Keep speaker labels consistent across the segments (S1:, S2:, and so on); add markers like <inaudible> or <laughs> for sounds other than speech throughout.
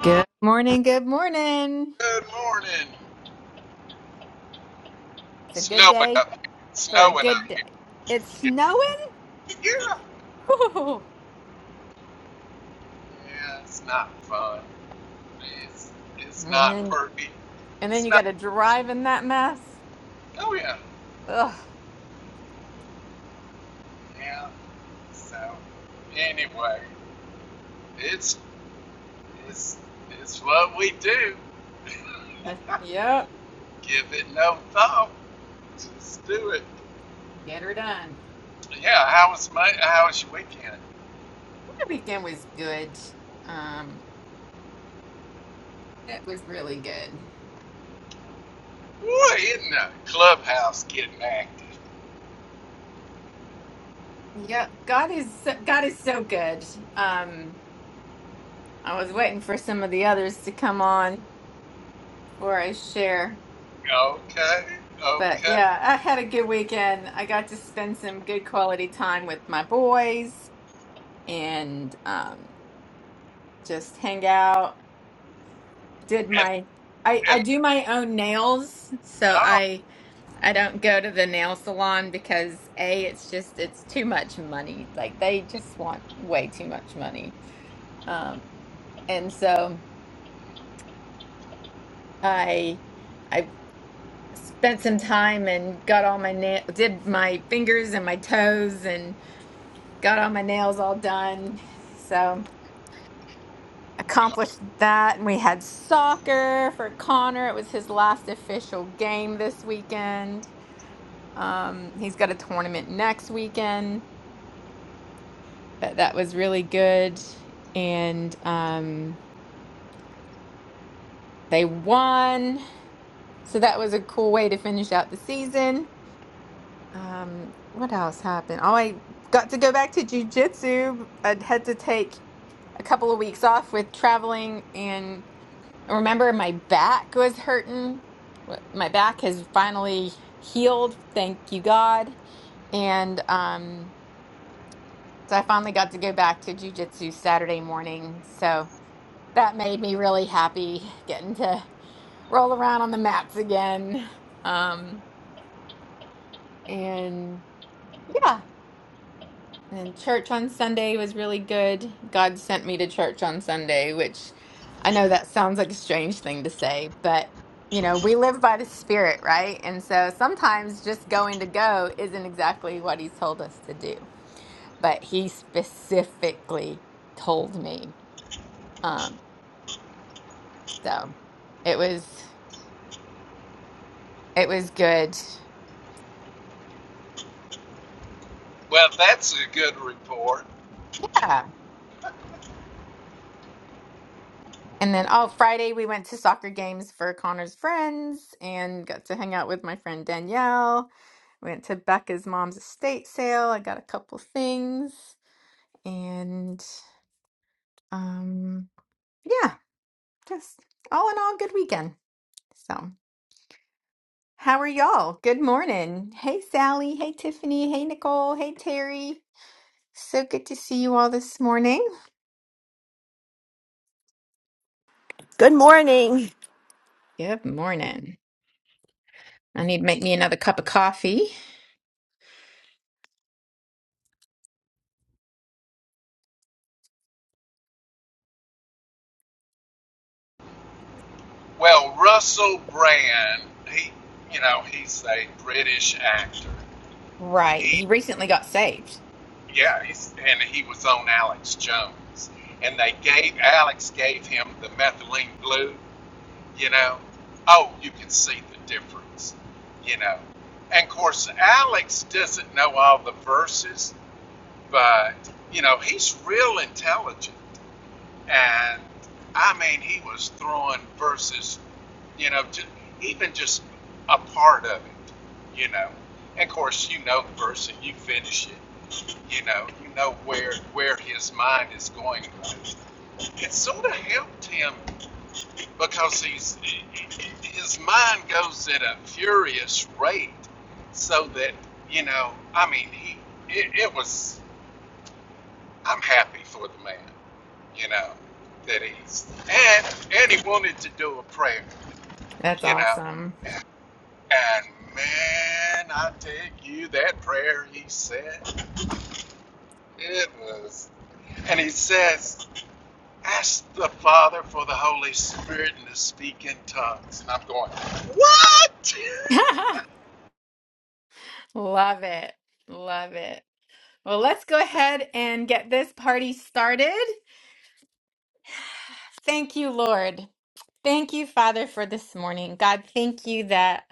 S1: Good morning. Good morning.
S2: Good morning.
S1: It's a good
S2: Snowing
S1: day
S2: up here.
S1: for a
S2: Snowing up
S1: good day.
S2: here.
S1: It's snowing.
S2: Yeah.
S1: Whew.
S2: Yeah, it's not fun. It's it's
S1: And
S2: not
S1: then,
S2: pretty.
S1: and then
S2: It's
S1: you
S2: not.
S1: got to drive in that mess.
S2: Oh yeah.
S1: Ugh.
S2: Yeah. So anyway, it's it's it's what we do.
S1: <laughs>
S2: <laughs>
S1: Yep.
S2: Give it no thought. Just do it.
S1: Get her done.
S2: Yeah. How was my How was your weekend?
S1: My weekend was good. Um, it was really good.
S2: Boy, isn't the clubhouse getting active?
S1: Yep. God is so, God is so good. Um, I was waiting for some of the others to come on before I share.
S2: Okay.
S1: But
S2: Okay.
S1: yeah, I had a good weekend. I got to spend some good quality time with my boys. and um, just hang out. Did
S2: And
S1: my I I
S2: and.
S1: do my own nails, so
S2: oh.
S1: I I don't go to the nail salon because A, it's just it's too much money. Like they just want way too much money. Um, and so I I spent some time and got all my nail did my fingers and my toes and got all my nails all done. So. accomplished that. And we had soccer for Connor. It was his last official game this weekend. Um, he's got a tournament next weekend, but that was really good. And um, they won. So that was a cool way to finish out the season. Um, what else happened? Oh, I got to go back to jujitsu. I had to take a couple of weeks off with traveling and. I Remember, my back was hurting. Wh- My back has finally healed, thank you God. And um, so I finally got to go back to jujitsu Saturday morning. So that made me really happy getting to roll around on the mats again. Um, and yeah, And church on Sunday was really good. God sent me to church on Sunday, which I know that sounds like a strange thing to say, but you know, we live by the Spirit, right? And so sometimes just going to go isn't exactly what He's told us to do, but He specifically told me. Um, so it was it was good.
S2: Well, that's a good report.
S1: Yeah. And then, oh, Friday we went to soccer games for Connor's friends and got to hang out with my friend Danielle. Went to Becca's mom's estate sale. I got a couple things. And um yeah, just all in all good weekend. So, how are y'all? Good morning. Hey Sally, hey Tiffany, hey Nicole, hey Terry. So good to see you all this morning.
S3: Good morning.
S1: Good morning. I need to make me another cup of coffee.
S2: Well, Russell Brand, he, you know, he's a British actor.
S1: Right.
S2: He,
S1: He recently got saved.
S2: yeah, he's, and he was on Alex Jones, and they gave Alex gave him the methylene blue. You know, oh, you can see the difference. You know, and of course, Alex doesn't know all the verses, but you know, he's real intelligent. And I mean, he was throwing verses, you know, ju- even just a part of it, you know. And of course, you know the verse and you finish it, you know, you know where where his mind is going. It sort of helped him because he's his mind goes at a furious rate, so that you know, I mean, he it, it was. I'm happy for the man, you know, that he's and and he wanted to do a prayer,
S1: That's
S2: you know.
S1: awesome.
S2: And man, I take you that prayer he said. It was and he says, Ask the Father for the Holy Spirit and to speak in tongues. And I'm going, What? <laughs>
S1: <laughs> Love it. Love it. Well, let's go ahead and get this party started. Thank you, Lord. Thank you, Father, for this morning. God, thank you that.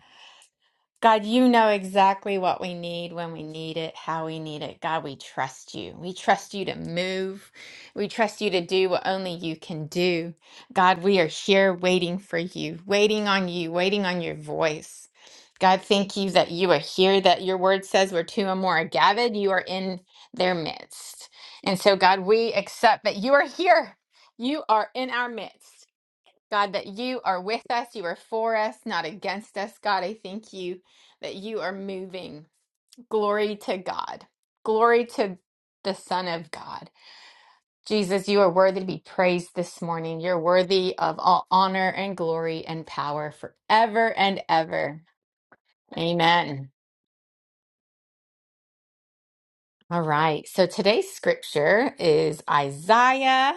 S1: God, you know exactly what we need when we need it, how we need it. God, we trust you. We trust you to move. We trust you to do what only you can do. God, we are here waiting for you, waiting on you, waiting on your voice. God, thank you that you are here, that your word says where two or more are gathered, you are in their midst. And so, God, we accept that you are here. You are in our midst. God, that you are with us, you are for us, not against us. God, I thank you that you are moving. Glory to God. Glory to the Son of God. Jesus, you are worthy to be praised this morning. You're worthy of all honor and glory and power forever and ever. Amen. All right. So today's scripture is Isaiah.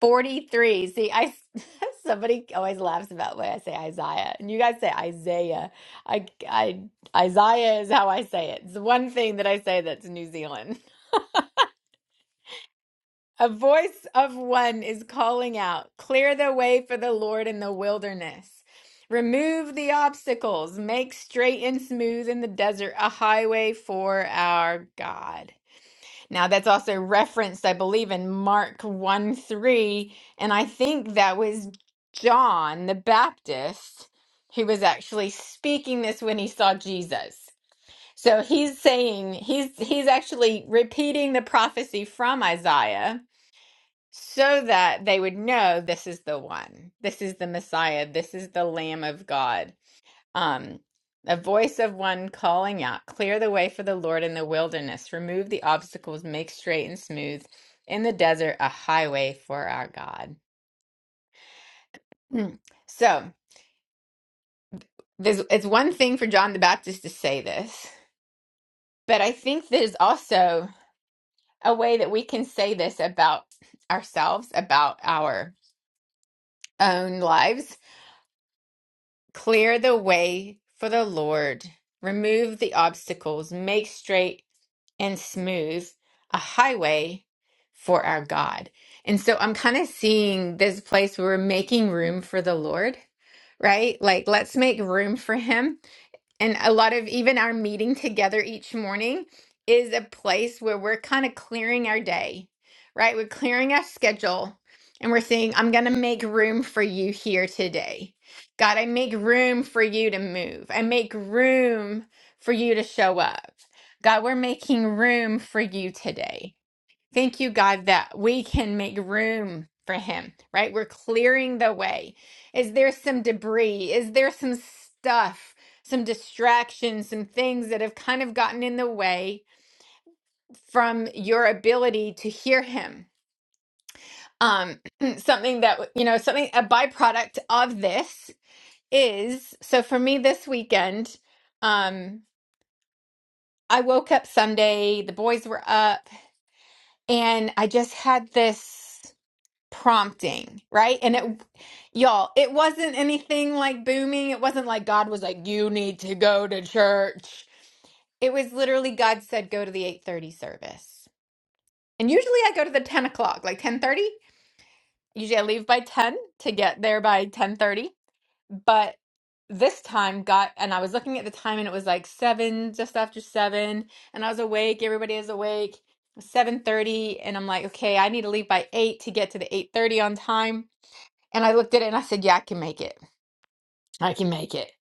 S1: 43. See, I <laughs> somebody always laughs about when I say Isaiah, and you guys say Isaiah. I, I Isaiah is how I say it. It's the one thing that I say that's New Zealand. <laughs> A voice of one is calling out, "Clear the way for the Lord in the wilderness. Remove the obstacles. Make straight and smooth in the desert a highway for our God." Now, that's also referenced, I believe, in Mark 1 3. And I think that was John the Baptist who was actually speaking this when he saw Jesus. So he's saying, he's, he's actually repeating the prophecy from Isaiah so that they would know this is the one, this is the Messiah, this is the Lamb of God. Um, the voice of one calling out, Clear the way for the Lord in the wilderness, remove the obstacles, make straight and smooth in the desert a highway for our God. Hmm. So, there's, it's one thing for John the Baptist to say this, but I think there's also a way that we can say this about ourselves, about our own lives Clear the way for the Lord. Remove the obstacles. Make straight and smooth a highway for our God. And so I'm kind of seeing this place where we're making room for the Lord, right? Like, let's make room for Him and a lot of even our meeting together each morning is a place where we're kind of clearing our day, right? We're clearing our schedule and we're saying, I'm going to make room for you here today. God, I make room for you to move. I make room for you to show up. God, we're making room for you today. Thank you, God, that we can make room for him, right? We're clearing the way. Is there some debris? Is there some stuff, some distractions, some things that have kind of gotten in the way from your ability to hear him? Um, <clears throat> something that, you know, something, a byproduct of this is so for me this weekend, um, I woke up Sunday, the boys were up, and I just had this. prompting, right? And it, y'all, it wasn't anything like booming. It wasn't like God was like, you need to go to church. It was literally God said, go to the 830 service. And usually I go to the 10 o'clock, like 1030. Usually I leave by 10 to get there by 1030. But this time got, and I was looking at the time and it was like seven, just after seven. And I was awake. Everybody is awake. 7:30 and I'm like, okay, I need to leave by 8 to get to the 8:30 on time and I looked at it and I said, Yeah, I can make it. I can make it.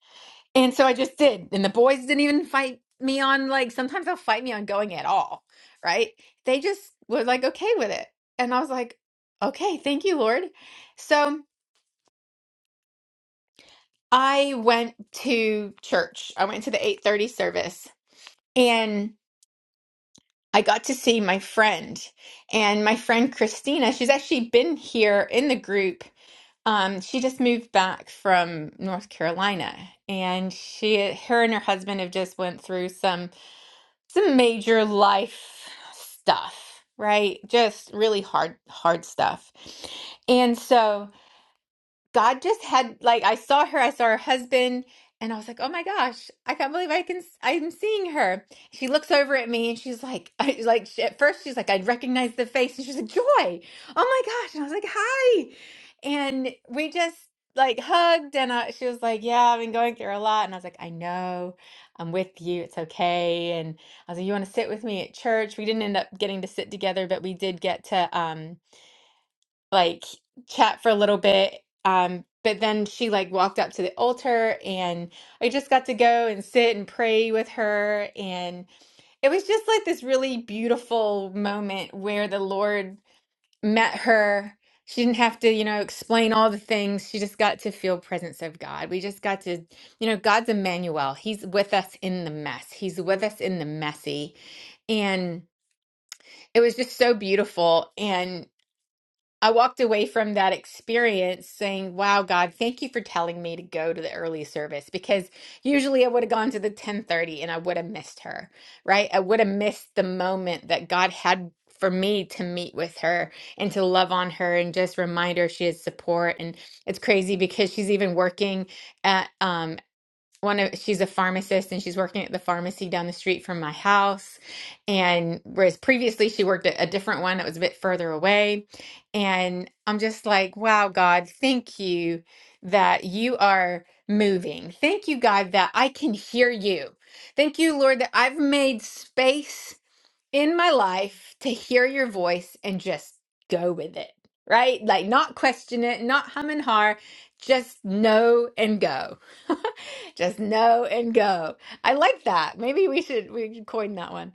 S1: And so I just did. And the boys didn't even fight me on, like, sometimes they'll fight me on going at all. Right. They just were like, okay with it. And I was like, okay, thank you, Lord. So I went to church. I went to the 830 service and I got to see my friend and my friend Christina. She's actually been here in the group Um, she just moved back from North Carolina, and she, her and her husband have just went through some some major life stuff, right? Just really hard, hard stuff. And so God just had like I saw her, I saw her husband, and I was like, "Oh my gosh, I can't believe I can I'm seeing her." She looks over at me and she's like, <laughs> I, like she, at first she's like, "I recognize the face," and she's like, "Joy, oh my gosh!" And I was like, "Hi," and we just like hugged, and I, she was like, "Yeah, I've been going through a lot," and I was like, "I know, I'm with you. It's okay." And I was like, "You want to sit with me at church?" We didn't end up getting to sit together, but we did get to. um like chat for a little bit. Um, but then she like walked up to the altar and I just got to go and sit and pray with her. And it was just like this really beautiful moment where the Lord met her. She didn't have to, you know, explain all the things. She just got to feel presence of God. We just got to, you know, God's Emmanuel. He's with us in the mess. He's with us in the messy. And it was just so beautiful. And I walked away from that experience saying, "Wow, God, thank you for telling me to go to the early service because usually I would have gone to the 10:30 and I would have missed her, right? I would have missed the moment that God had for me to meet with her and to love on her and just remind her she has support and it's crazy because she's even working at um one of she's a pharmacist and she's working at the pharmacy down the street from my house and whereas previously she worked at a different one that was a bit further away and i'm just like wow god thank you that you are moving thank you god that i can hear you thank you lord that i've made space in my life to hear your voice and just go with it, right? Like not question it, not hum and har, just know and go. <laughs> just know and go. I like that. Maybe we should we should coin that one.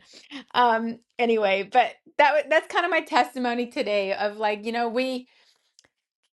S1: Um anyway, but that wa- that's kind of my testimony today of like, you know, we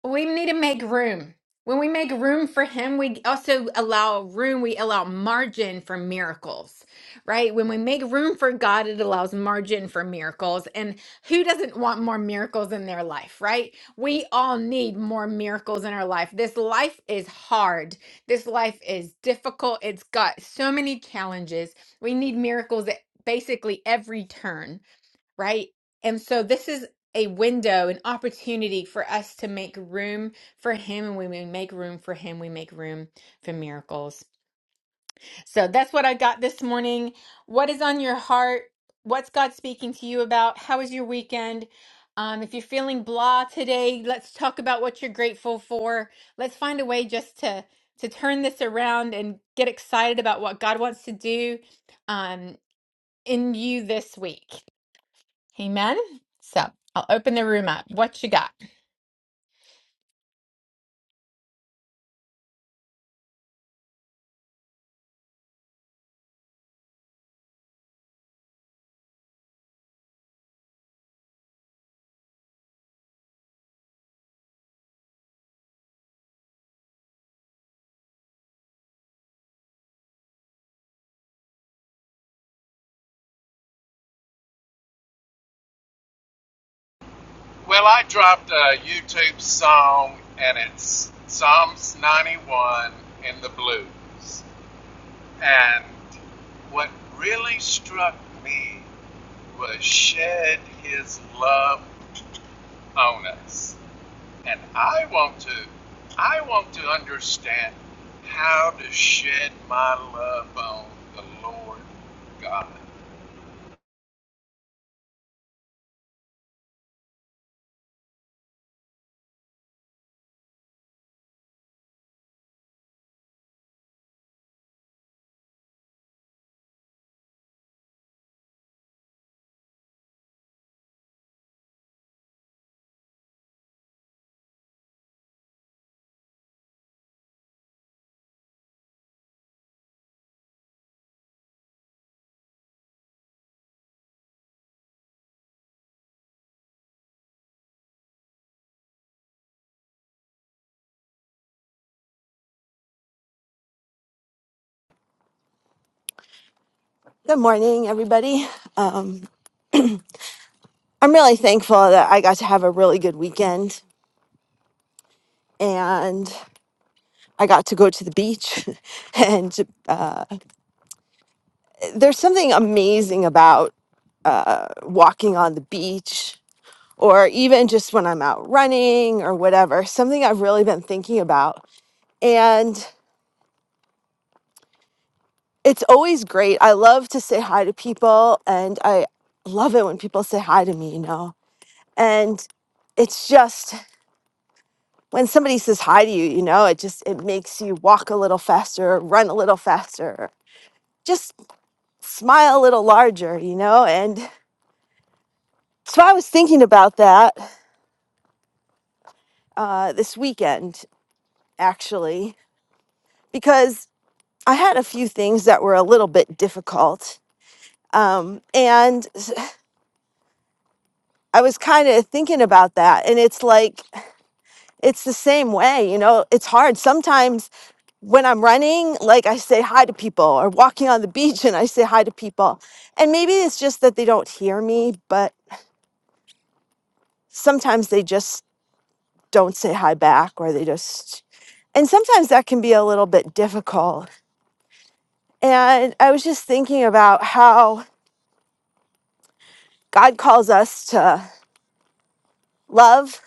S1: we need to make room. When we make room for him, we also allow room, we allow margin for miracles, right? When we make room for God, it allows margin for miracles. And who doesn't want more miracles in their life, right? We all need more miracles in our life. This life is hard. This life is difficult. It's got so many challenges. We need miracles at basically every turn right? And so this is a window, an opportunity for us to make room for him. And when we make room for him, we make room for miracles. So that's what I got this morning. What is on your heart? What's God speaking to you about? How was your weekend? Um, if you're feeling blah today, let's talk about what you're grateful for. Let's find a way just to to turn this around and get excited about what God wants to do um, in you this week. Amen. So I'll open the room up. What you got?
S2: Well, I dropped a YouTube song and it's Psalms 91 in the blues. And what really struck me was shed his love on us. And I want to I want to understand how to shed my love on the Lord God.
S3: Good morning, everybody. Um, I'm really thankful that I got to have a really good weekend and I got to go to the beach. <laughs> and uh, there's something amazing about walking on the beach or even just when I'm out running or whatever, something I've really been thinking about. And it's always great. I love to say hi to people and I love it when people say hi to me, you know. And it's just when somebody says hi to you, you know, it just it makes you walk a little faster, run a little faster, just smile a little larger, you know. And so I was thinking about that uh, this weekend actually because I had a few things that were a little bit difficult. Um, and s- I was kind of thinking about that. And it's like, it's the same way, you know, it's hard. Sometimes when I'm running, like I say hi to people, or walking on the beach and I say hi to people. And maybe it's just that they don't hear me, but sometimes they just don't say hi back, or they just, and sometimes that can be a little bit difficult. And I was just thinking about how God calls us to love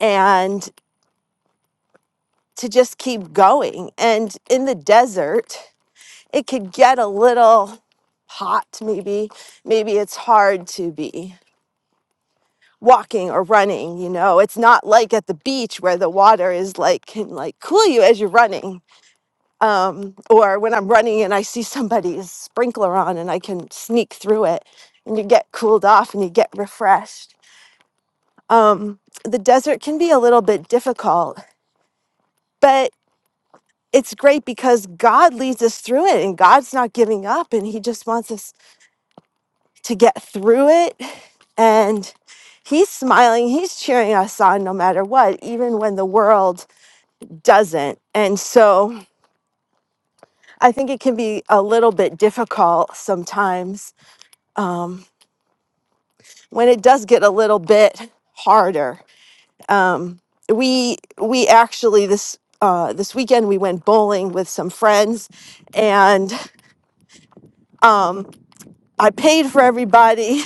S3: and to just keep going. And in the desert, it could get a little hot, maybe. Maybe it's hard to be walking or running you know it's not like at the beach where the water is like can like cool you as you're running um or when i'm running and i see somebody's sprinkler on and i can sneak through it and you get cooled off and you get refreshed um the desert can be a little bit difficult but it's great because god leads us through it and god's not giving up and he just wants us to get through it and he's smiling he's cheering us on no matter what even when the world doesn't. And so I think it can be a little bit difficult sometimes um, when it does get a little bit harder. Um, we we actually this uh, this weekend we went bowling with some friends, and um, I paid for everybody,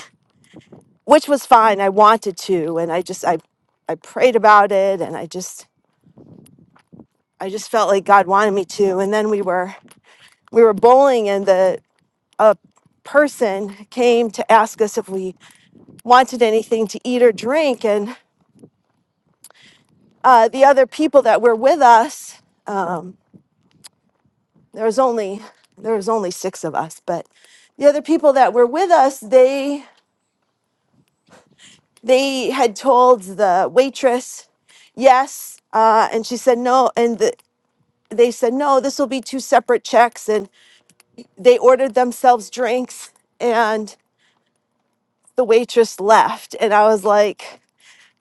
S3: <laughs> which was fine. I wanted to, and I just I I prayed about it, and I just I just felt like God wanted me to. And then we were we were bowling, and the a person came to ask us if we wanted anything to eat or drink and uh, the other people that were with us there was only there was only six of us but the other people that were with us they they had told the waitress yes uh, and she said no and the, they said no this will be two separate checks and they ordered themselves drinks and the waitress left and i was like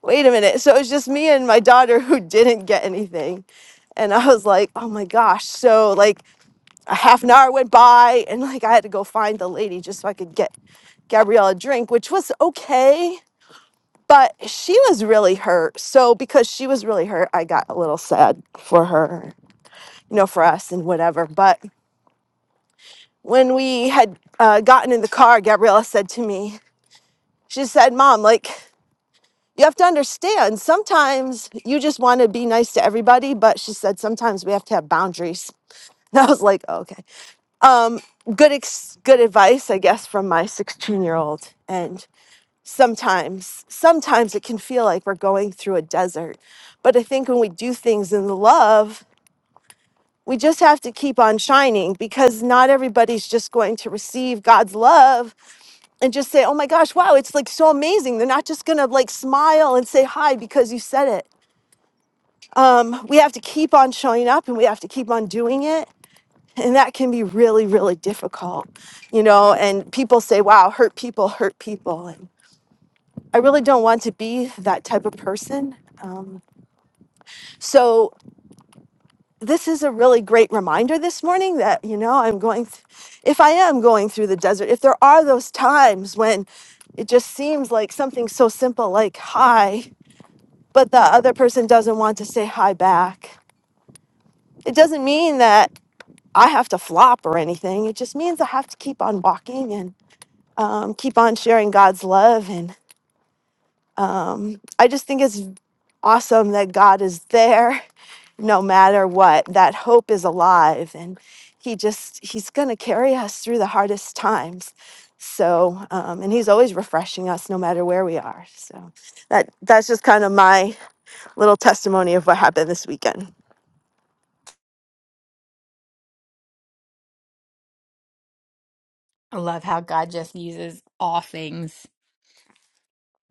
S3: wait a minute. So it was just me and my daughter <laughs> who didn't get anything. And I was like, oh my gosh. So like a half an hour went by and like I had to go find the lady just so I could get Gabrielle a drink, which was okay. But she was really hurt. So because she was really hurt, I got a little sad for her, you know, for us and whatever. But when we had uh, gotten in the car, Gabriella said to me, she said, Mom, like, you have to understand sometimes you just want to be nice to everybody but she said sometimes we have to have boundaries <laughs> and i was like oh, okay good ex- good advice i guess from my 16 year old and sometimes sometimes it can feel like we're going through a desert but i think when we do things in love we just have to keep on shining because not everybody's just going to receive God's love and just say, "Oh my gosh, wow, it's like so amazing." They're not just going to like smile and say hi because you said it we have to keep on showing up and we have to keep on doing it. And that can be really, really difficult, you know. And people say, wow, hurt people, hurt people. And I really don't want to be that type of person. Um, so, this is a really great reminder this morning that, you know, I'm going, th- if I am going through the desert, if there are those times when it just seems like something so simple like hi, but the other person doesn't want to say hi back, it doesn't mean that I have to flop or anything. It just means I have to keep on walking and um, keep on sharing God's love. And um, I just think it's awesome that God is there no matter what. That hope is alive and He just, He's going to carry us through the hardest times. So, um, and He's always refreshing us no matter where we are. So that, that's just kind of my little testimony of what happened this weekend.
S1: I love how God just uses all things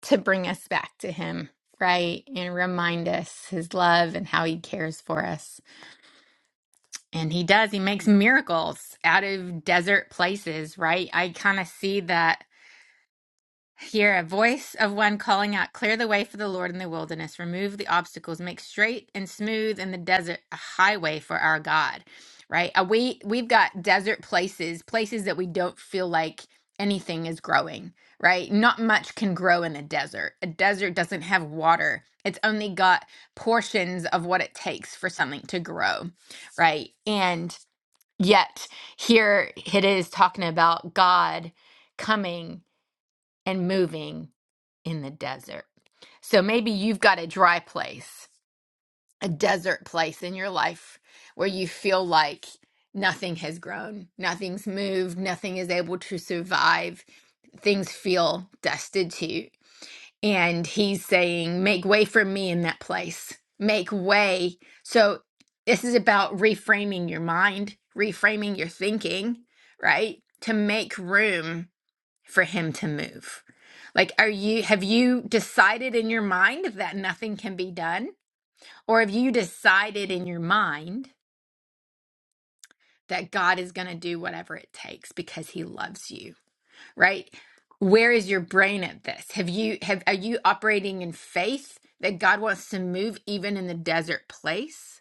S1: to bring us back to Him, right? And remind us His love and how He cares for us. And He does, He makes miracles out of desert places, right? I kind of see that Hear a voice of one calling out, Clear the way for the Lord in the wilderness, remove the obstacles, make straight and smooth in the desert a highway for our God. Right? Uh, We we've got desert places, places that we don't feel like anything is growing, right? Not much can grow in a desert. A desert doesn't have water. It's only got portions of what it takes for something to grow, right? And yet here it is talking about God coming and moving in the desert. So maybe you've got a dry place, a desert place in your life where you feel like nothing has grown, nothing's moved, nothing is able to survive, things feel destitute. And he's saying, Make way for me in that place, make way. So this is about reframing your mind, reframing your thinking, right? To make room for him to move? Like, are you, have you decided in your mind that nothing can be done? Or have you decided in your mind that God is going to do whatever it takes because he loves you, right? Where is your brain at this? Have you, have, are you operating in faith that God wants to move even in the desert place?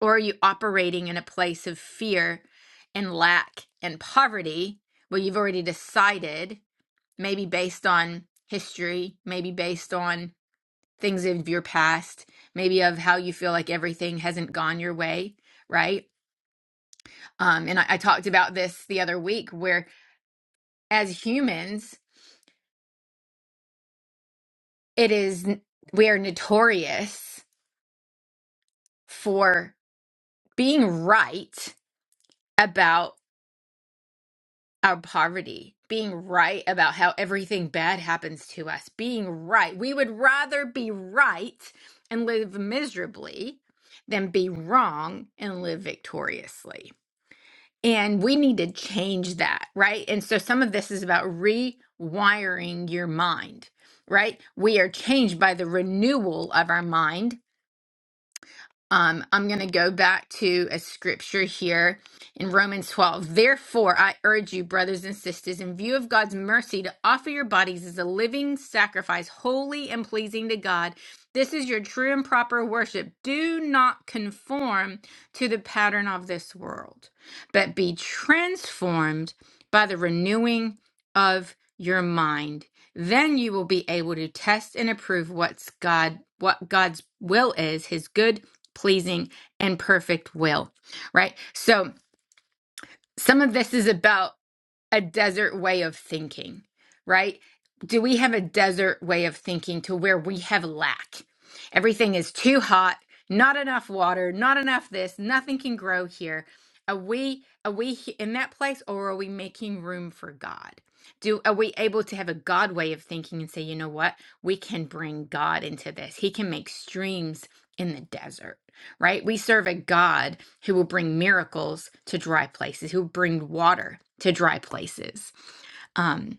S1: Or are you operating in a place of fear and lack and poverty where you've already decided? maybe based on history, maybe based on things of your past, maybe of how you feel like everything hasn't gone your way, right? Um, and I, I talked about this the other week where as humans, it is we are notorious for being right about our poverty, being right about how everything bad happens to us, being right. We would rather be right and live miserably than be wrong and live victoriously. And we need to change that, right? And so some of this is about rewiring your mind, right? We are changed by the renewal of our mind um, I'm going to go back to a scripture here in Romans 12. Therefore, I urge you, brothers and sisters, in view of God's mercy, to offer your bodies as a living sacrifice, holy and pleasing to God. This is your true and proper worship. Do not conform to the pattern of this world, but be transformed by the renewing of your mind. Then you will be able to test and approve what's God, what God's will is, his good pleasing, and perfect will, right? So some of this is about a desert way of thinking, right? Do we have a desert way of thinking to where we have lack? Everything is too hot, not enough water, not enough this, nothing can grow here. Are we are we he- in that place or are we making room for God? Do are we able to have a God way of thinking and say, you know what? We can bring God into this. He can make streams in the desert right? We serve a God who will bring miracles to dry places, who will bring water to dry places. Um,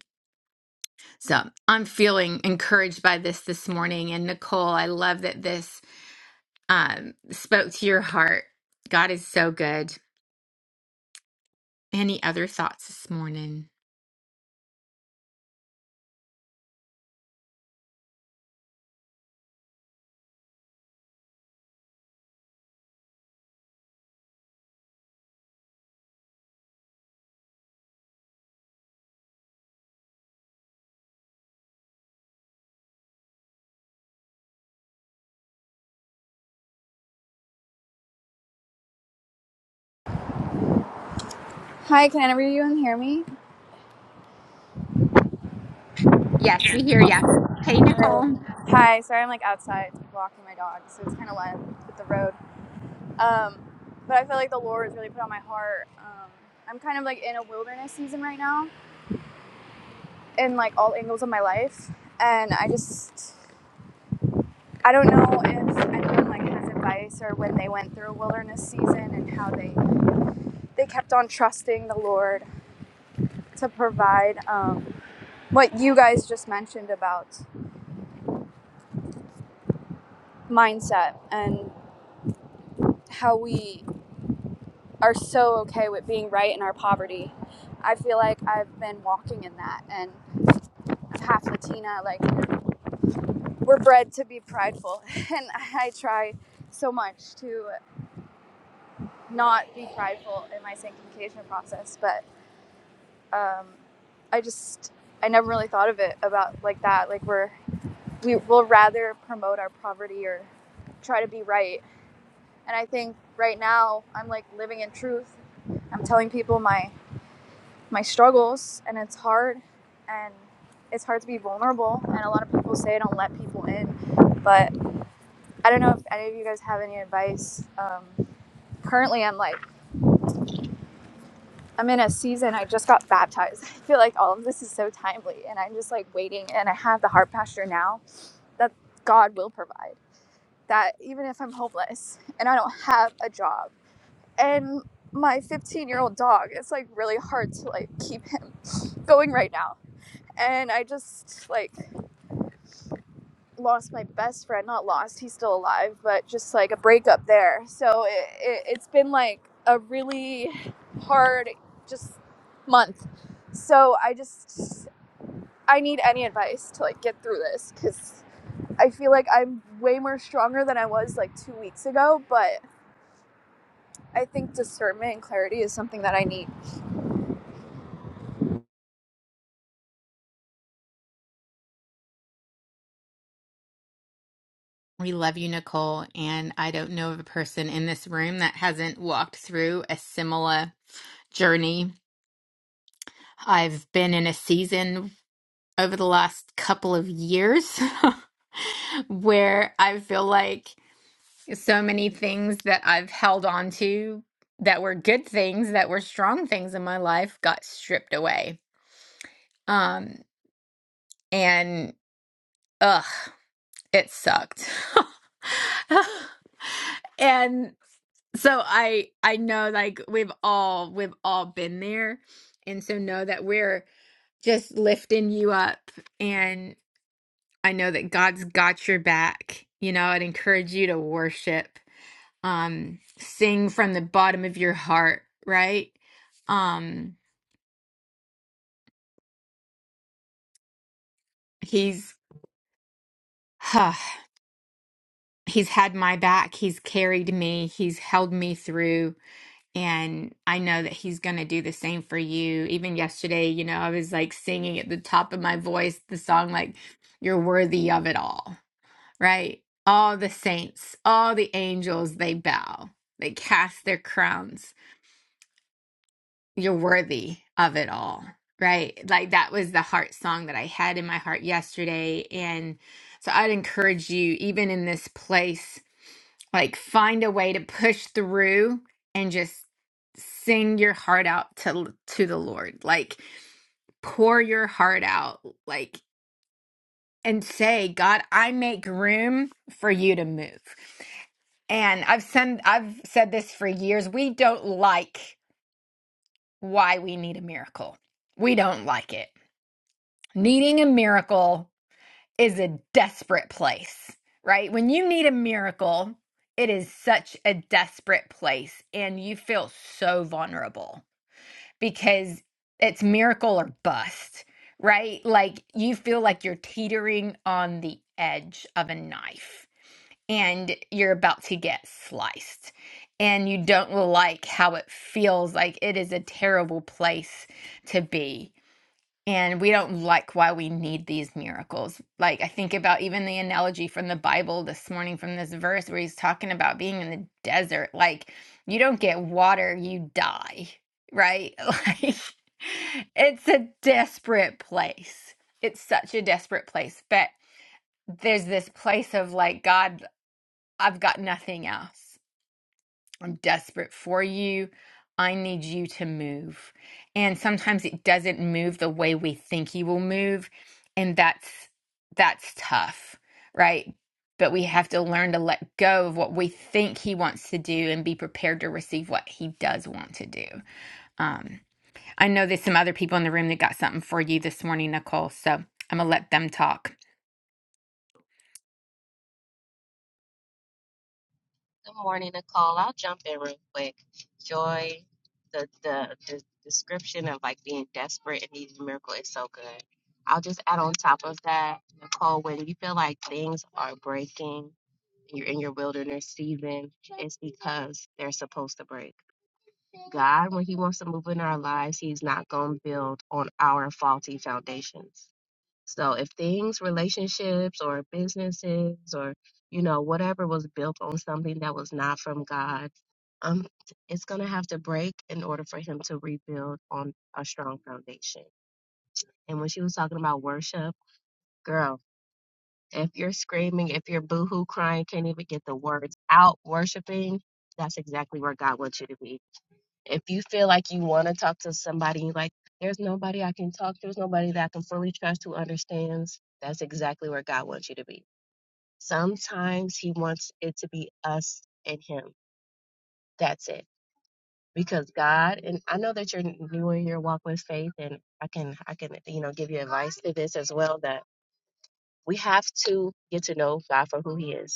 S1: so I'm feeling encouraged by this this morning. And Nicole, I love that this um, spoke to your heart. God is so good. Any other thoughts this morning?
S4: Hi, can everyone hear me?
S1: Yes, we hear ya. Hey, Nicole.
S4: Hi, sorry I'm like outside walking my dog, so it's kind of wet with the road. Um, but I feel like the Lord has really put on my heart. Um, I'm kind of like in a wilderness season right now, in like all angles of my life, and I just I don't know if anyone like has advice or when they went through a wilderness season and how they they kept on trusting the Lord to provide um, what you guys just mentioned about mindset and how we are so okay with being right in our poverty. I feel like I've been walking in that and I'm half Latina, like we're bred to be prideful <laughs> and I try so much to not be prideful in my sanctification process, but um, I just I never really thought of it about like that. Like we're we will rather promote our poverty or try to be right. And I think right now I'm like living in truth. I'm telling people my my struggles and it's hard and it's hard to be vulnerable and a lot of people say I don't let people in but I don't know if any of you guys have any advice um, currently I'm like I'm in a season I just got baptized <laughs> I feel like all of this is so timely and I'm just like waiting and I have the heart pasture now that God will provide that even if I'm homeless and I don't have a job and my 15 year old dog it's like really hard to like keep him <laughs> going right now and I just like lost my best friend not lost he's still alive but just like a breakup there so it, it, it's been like a really hard just month so i just i need any advice to like get through this because i feel like i'm way more stronger than i was like two weeks ago but i think discernment and clarity is something that i need
S1: We love you, Nicole. And I don't know of a person in this room that hasn't walked through a similar journey. I've been in a season over the last couple of years <laughs> where I feel like so many things that I've held on to that were good things, that were strong things in my life got stripped away. Um and ugh, it sucked. <laughs> and so I I know like we've all we've all been there and so know that we're just lifting you up and. I know that God's got your back. You know, I'd encourage you to worship, um, sing from the bottom of your heart, right? Um, he's huh, he's had my back, he's carried me, he's held me through, and I know that he's gonna do the same for you. Even yesterday, you know, I was like singing at the top of my voice the song like you're worthy of it All." Right? All the saints, all the angels, they bow. They cast their crowns you're worthy of it all right like that was the heart song that i had in my heart yesterday and so i'd encourage you even in this place like find a way to push through and just sing your heart out to to the lord like pour your heart out like and say god i make room for you to move and i've said i've said this for years we don't like why we need a miracle. We don't like it. Needing a miracle is a desperate place, right? When you need a miracle, it is such a desperate place and you feel so vulnerable because it's miracle or bust, right? Like you feel like you're teetering on the edge of a knife and you're about to get sliced and you don't like how it feels like it is a terrible place to be and we don't like why we need these miracles like i think about even the analogy from the bible this morning from this verse where he's talking about being in the desert like you don't get water you die right <laughs> like it's a desperate place it's such a desperate place but there's this place of like God I've got nothing else. I'm desperate for you. I need you to move. And sometimes it doesn't move the way we think he will move, and that's that's tough, right? But we have to learn to let go of what we think he wants to do and be prepared to receive what he does want to do. Um, I know there's some other people in the room that got something for you this morning, Nicole. So I'm gonna let them talk.
S5: Good morning, Nicole. I'll jump in real quick. Joy, the, the the description of like being desperate and needing a miracle is so good. I'll just add on top of that, Nicole, when you feel like things are breaking and you're in your wilderness season, it's because they're supposed to break. God, when He wants to move in our lives, He's not going to build on our faulty foundations. So if things, relationships or businesses or you know whatever was built on something that was not from God, um it's going to have to break in order for him to rebuild on a strong foundation. And when she was talking about worship, girl, if you're screaming, if you're boohoo crying, can't even get the words out worshiping, that's exactly where God wants you to be if you feel like you want to talk to somebody, you're like, there's nobody I can talk to, there's nobody that I can fully trust who understands, that's exactly where God wants you to be. Sometimes He wants it to be us and Him. That's it. Because God, and I know that you're new in your walk with faith, and I can, I can, you know, give you advice to this as well that we have to get to know God for who He is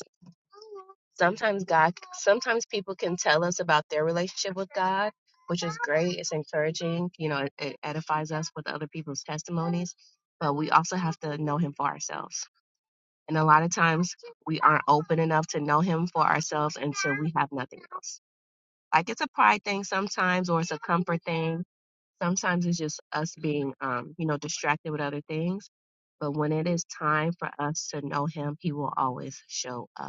S5: Sometimes God, sometimes people can tell us about their relationship with God, which is great. It's encouraging. You know, it, it edifies us with other people's testimonies. But we also have to know Him for ourselves. And a lot of times we aren't open enough to know Him for ourselves until we have nothing else. Like it's a pride thing sometimes, or it's a comfort thing. Sometimes it's just us being, um, you know, distracted with other things. But when it is time for us to know Him, He will always show up.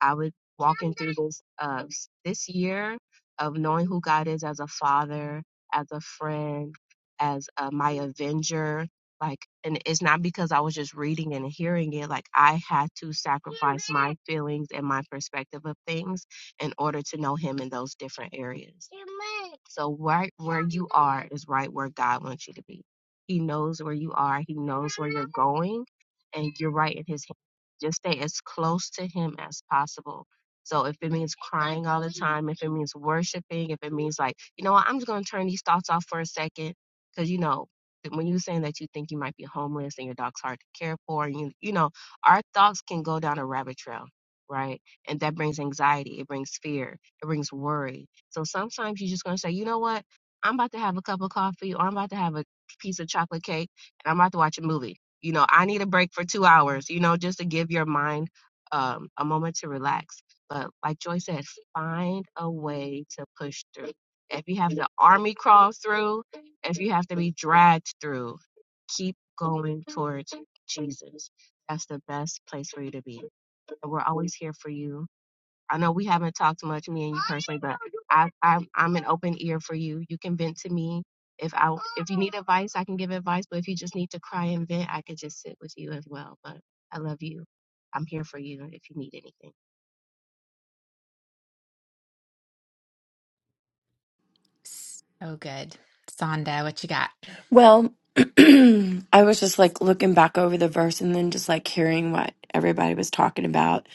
S5: I was walking through this uh s- this year of knowing who God is as a father, as a friend, as uh, my avenger. Like, and it's not because I was just reading and hearing it. Like, I had to sacrifice my feelings and my perspective of things in order to know Him in those different areas. So, right where you are is right where God wants you to be. He knows where you are, He knows where you're going, and you're right in His just stay as close to him as possible. So if it means crying all the time, if it means worshiping, if it means like, you know what, I'm just gonna turn these thoughts off for a second, because you know that when you're saying that you think you might be homeless and your dog's hard to care for, and you you know our thoughts can go down a rabbit trail, right? And that brings anxiety, it brings fear, it brings worry. So sometimes you're just gonna say, you know what, I'm about to have a cup of coffee, or I'm about to have a piece of chocolate cake, and I'm about to watch a movie you know i need a break for two hours you know just to give your mind um, a moment to relax but like joy said find a way to push through if you have to army crawl through if you have to be dragged through keep going towards jesus that's the best place for you to be and we're always here for you I know we haven't talked much, me and you personally, but I, I I'm an open ear for you. You can vent to me. If I if you need advice, I can give advice. But if you just need to cry and vent, I could just sit with you as well. But I love you. I'm here for you if you need anything.
S1: So good. Sonda, what you got?
S6: Well, <clears throat> I was just like looking back over the verse and then just like hearing what everybody was talking about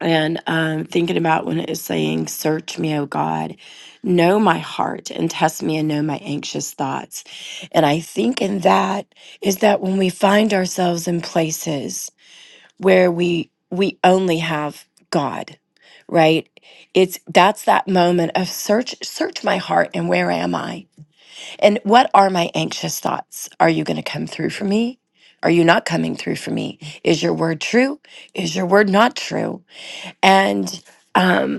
S6: and um, thinking about when it is saying, Search me, O God, know my heart and test me and know my anxious thoughts. And I think in that is that when we find ourselves in places where we we only have God, right? It's that's that moment of search search my heart and where am I? And what are my anxious thoughts? Are you going to come through for me? Are you not coming through for me? Is your word true? Is your word not true? And um,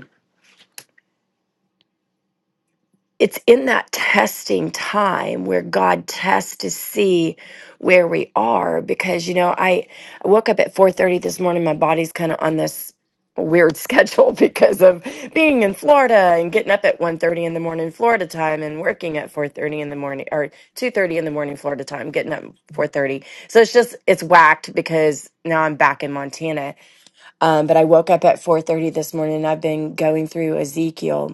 S6: it's in that testing time where God tests to see where we are because you know I I woke up at 4:30 this morning my body's kind of on this weird <laughs> schedule because of being in Florida and getting up at one thirty in the morning Florida time and working at 4:30 in the morning or 2:30 in the morning Florida time getting up 4:30 so it's just it's whacked because now I'm back in Montana um, but I woke up at 4:30 this morning and I've been going through Ezekiel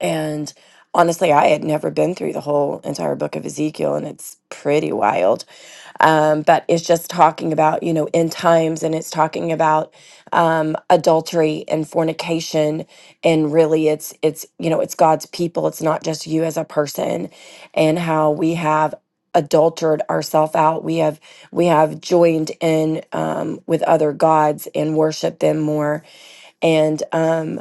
S6: and honestly, I had never been through the whole entire book of Ezekiel, and it's pretty wild. Um, but it's just talking about, you know, end times, and it's talking about um, adultery and fornication, and really, it's it's you know, it's God's people. It's not just you as a person, and how we have adultered ourselves out we have we have joined in um, with other gods and worship them more and um,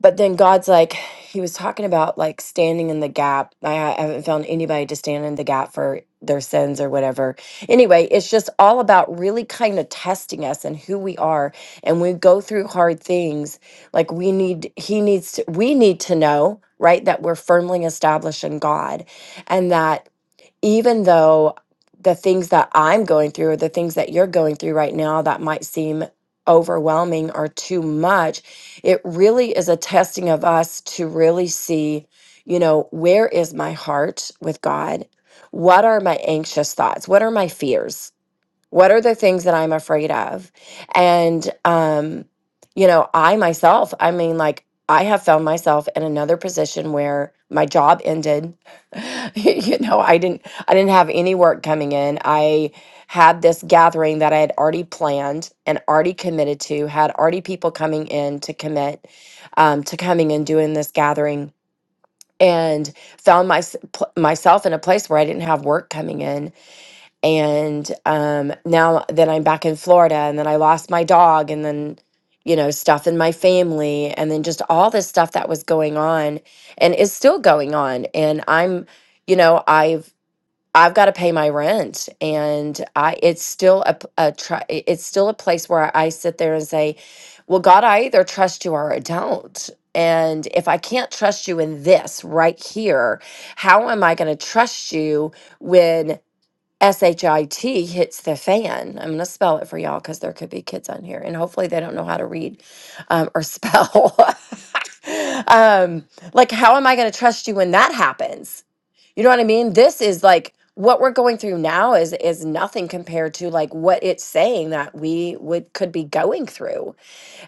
S6: but then God's like, He was talking about like standing in the gap. I, I haven't found anybody to stand in the gap for their sins or whatever. Anyway, it's just all about really kind of testing us and who we are. And we go through hard things. Like we need, He needs to, we need to know, right, that we're firmly established in God and that even though the things that I'm going through or the things that you're going through right now that might seem overwhelming or too much, it really is a testing of us to really see, you know, where is my heart with God? What are my anxious thoughts? What are my fears? What are the things that I'm afraid of? And, um, you know, I myself, I mean, like, I have found myself in another position where my job ended. <laughs> you know, I didn't, I didn't have any work coming in. I had this gathering that I had already planned and already committed to, had already people coming in to commit um, to coming and doing this gathering, and found my, myself in a place where I didn't have work coming in and um now that I'm back in Florida and then I lost my dog and then you know stuff in my family and then just all this stuff that was going on and is still going on and I'm you know I've I've got to pay my rent and I it's still a, p- a try it's still a place where I sit there and say well God I either trust you or I don't and if I can't trust you in this right here how am I going to trust you shit hits the fan i'm going to spell it for y'all because there could be kids on here and hopefully they don't know how to read um, or spell <laughs> um, like how am i going to trust you when that happens you know what i mean this is like what we're going through now is is nothing compared to like what it's saying that we would could be going through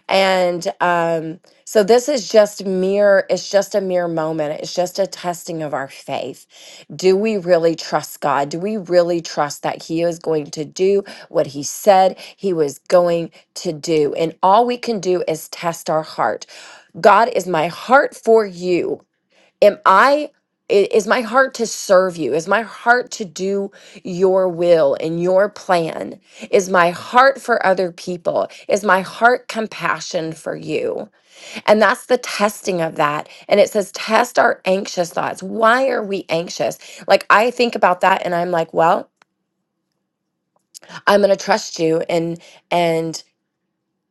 S6: and um, so this is just mere, it's just a mere moment. It's just a testing of our faith. Do we really trust God? Do we really trust that He is going to do what He said He was going to do? And all we can do is test our heart. God, is my heart for you? am i i- is my heart to serve you is my heart to do your will and your plan is my heart for other people is my heart compassion for you and that's the testing of that and it says test our anxious thoughts why are we anxious like i think about that and i'm like well i'm going to trust you and and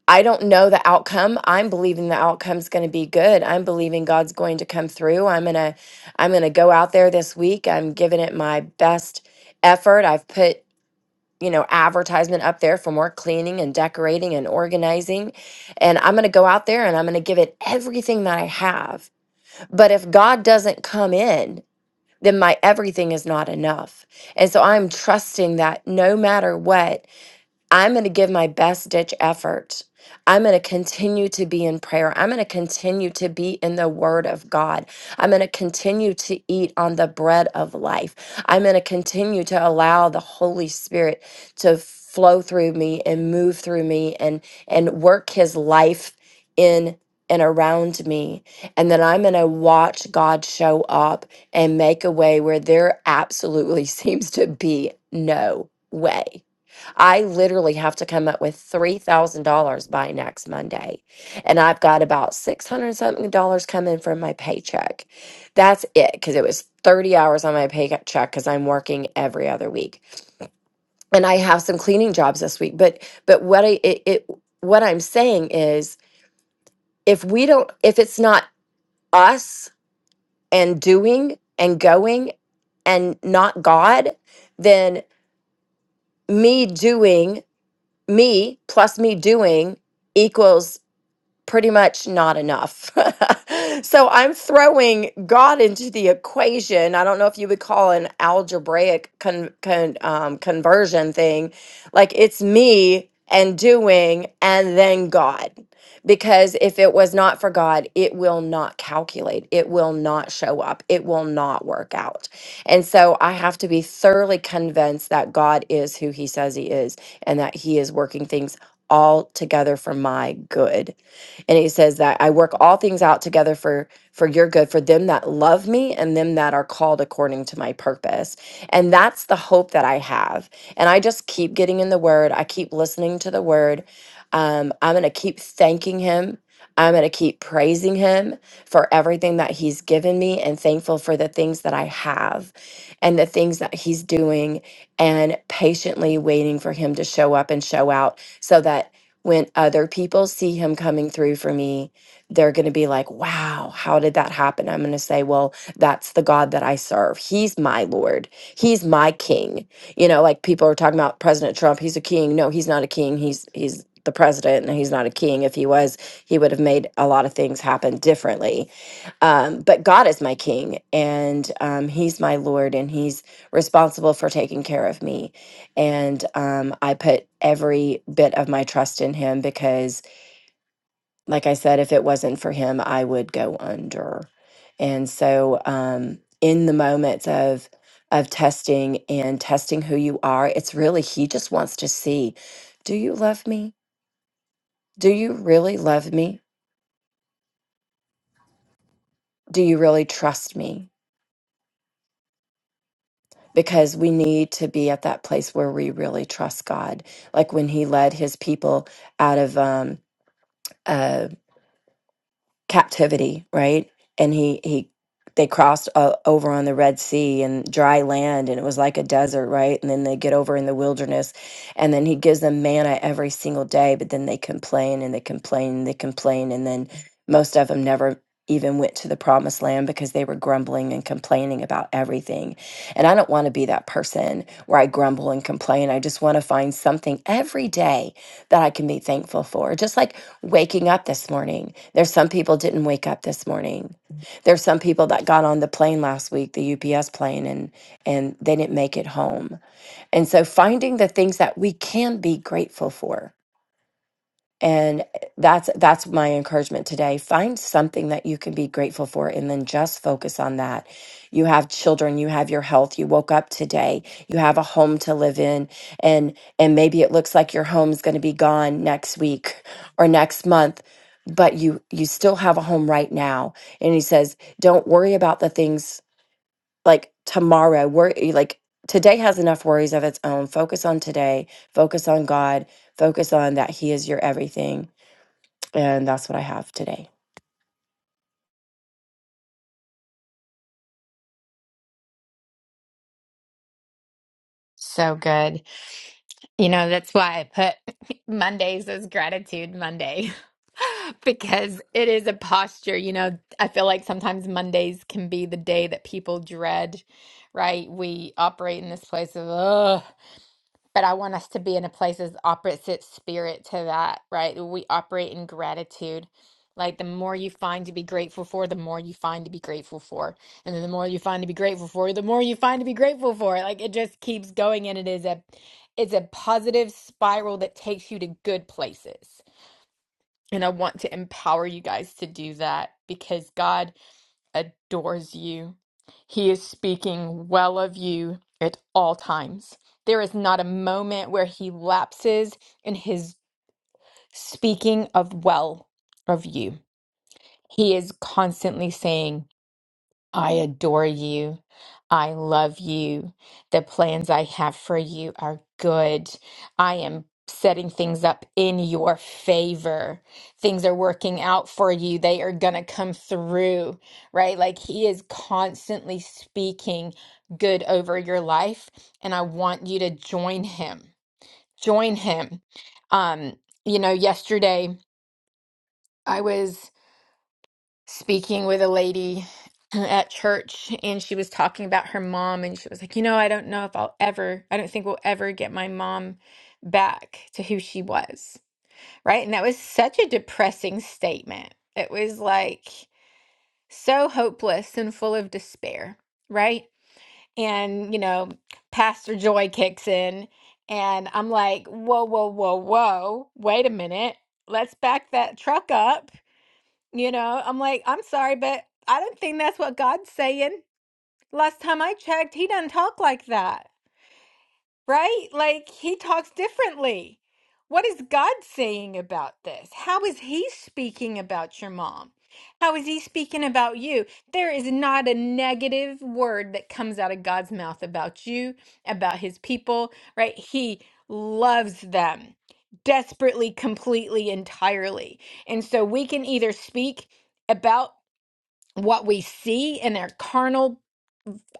S6: I don't know the outcome. I'm believing the outcome's going to be good. I'm believing God's going to come through. I'm going to I'm going to go out there this week. I'm giving it my best effort. I've put, you know, advertisement up there for more cleaning and decorating and organizing. And I'm going to go out there and I'm going to give it everything that I have. But if God doesn't come in, then my everything is not enough. And so I'm trusting that no matter what I'm going to give my best ditch effort. I'm going to continue to be in prayer. I'm going to continue to be in the word of God. I'm going to continue to eat on the bread of life. I'm going to continue to allow the Holy Spirit to flow through me and move through me and and work his life in and around me. And then I'm going to watch God show up and make a way where there absolutely <laughs> seems to be no way. I literally have to come up with $3,000 by next Monday. And I've got about 600 something dollars coming from my paycheck. That's it, because it was 30 hours on my paycheck because I'm working every other week. And I have some cleaning jobs this week. But but what I it, it what I'm saying is if we don't if it's not us and doing and going and not God, then me doing me plus me doing equals pretty much not enough. <laughs> so I'm throwing God into the equation. I don't know if you would call an algebraic con- con- um, conversion thing. Like it's me and doing and then God. Because if it was not for God, it will not calculate. It will not show up. It will not work out. And so I have to be thoroughly convinced that God is who he says he is and that he is working things all together for my good and he says that i work all things out together for for your good for them that love me and them that are called according to my purpose and that's the hope that i have and i just keep getting in the word i keep listening to the word um, i'm going to keep thanking him i'm going to keep praising him for everything that he's given me and thankful for the things that i have and the things that he's doing and patiently waiting for him to show up and show out so that when other people see him coming through for me, they're going to be like, wow, how did that happen? I'm going to say, well, that's the God that I serve. He's my Lord. He's my king. You know, like people are talking about President Trump, he's a king. No, he's not a king. He's, he's, the president and he's not a king if he was he would have made a lot of things happen differently um, but god is my king and um, he's my lord and he's responsible for taking care of me and um, I put every bit of my trust in him because, like I said, if it wasn't for him, I would go under. And so, um, in the moments of of testing and testing who you are, it's really he just wants to see, do you love me? Do you really love me? Do you really trust me? Because we need to be at that place where we really trust God. Like when he led his people out of um, captivity, right? And he he they crossed uh, over on the Red Sea and dry land, and it was like a desert, right? And then they get over in the wilderness, and then he gives them manna every single day, but then they complain and they complain and they complain, and then most of them never even went to the promised land because they were grumbling and complaining about everything. And I don't want to be that person where I grumble and complain. I just want to find something every day that I can be thankful for. Just like waking up this morning there's some people didn't wake up this morning. There's some people that got on the plane last week, the UPS plane, and and they didn't make it home. And so finding the things that we can be grateful for and eh, that's that's my encouragement today find something that you can be grateful for and then just focus on that you have children you have your health you woke up today you have a home to live in and and maybe it looks like your home's going to be gone next week or next month but you you still have a home right now and he says don't worry about the things like tomorrow worry like today has enough worries of its own focus on today focus on god focus on that he is your everything and that's what I have today.
S1: So good. You know, that's why I put <laughs> Mondays as gratitude Monday <laughs> because it is a posture. You know, I feel like sometimes Mondays can be the day that people dread, right? We operate in this place of, ugh. But I want us to be in a place as opposite spirit to that, right? We operate in gratitude. Like the more you find to be grateful for, the more you find to be grateful for. And then the more you find to be grateful for, the more you find to be grateful for. Like it just keeps going and it is a it's a positive spiral that takes you to good places. And I want to empower you guys to do that because God adores you. He is speaking well of you at all times. There is not a moment where he lapses in his speaking of well of you. He is constantly saying, I adore you. I love you. The plans I have for you are good. I am setting things up in your favor. Things are working out for you. They are going to come through, right? Like he is constantly speaking good over your life and I want you to join him. Join him. Um, you know, yesterday I was speaking with a lady <clears throat> at church and she was talking about her mom and she was like, "You know, I don't know if I'll ever I don't think we'll ever get my mom back to who she was." Right? And that was such a depressing statement. It was like so hopeless and full of despair, right? And, you know, Pastor Joy kicks in and I'm like, "Whoa, whoa, whoa, whoa. Wait a minute. Let's back that truck up." You know, I'm like, I'm sorry, but I don't think that's what God's saying. Last time I checked, he doesn't talk like that, right? Like, he talks differently. What is God saying about this? How is he speaking about your mom? How is he speaking about you? There is not a negative word that comes out of God's mouth about you, about his people, right? He loves them desperately, completely, entirely. And so we can either speak about what we see in our carnal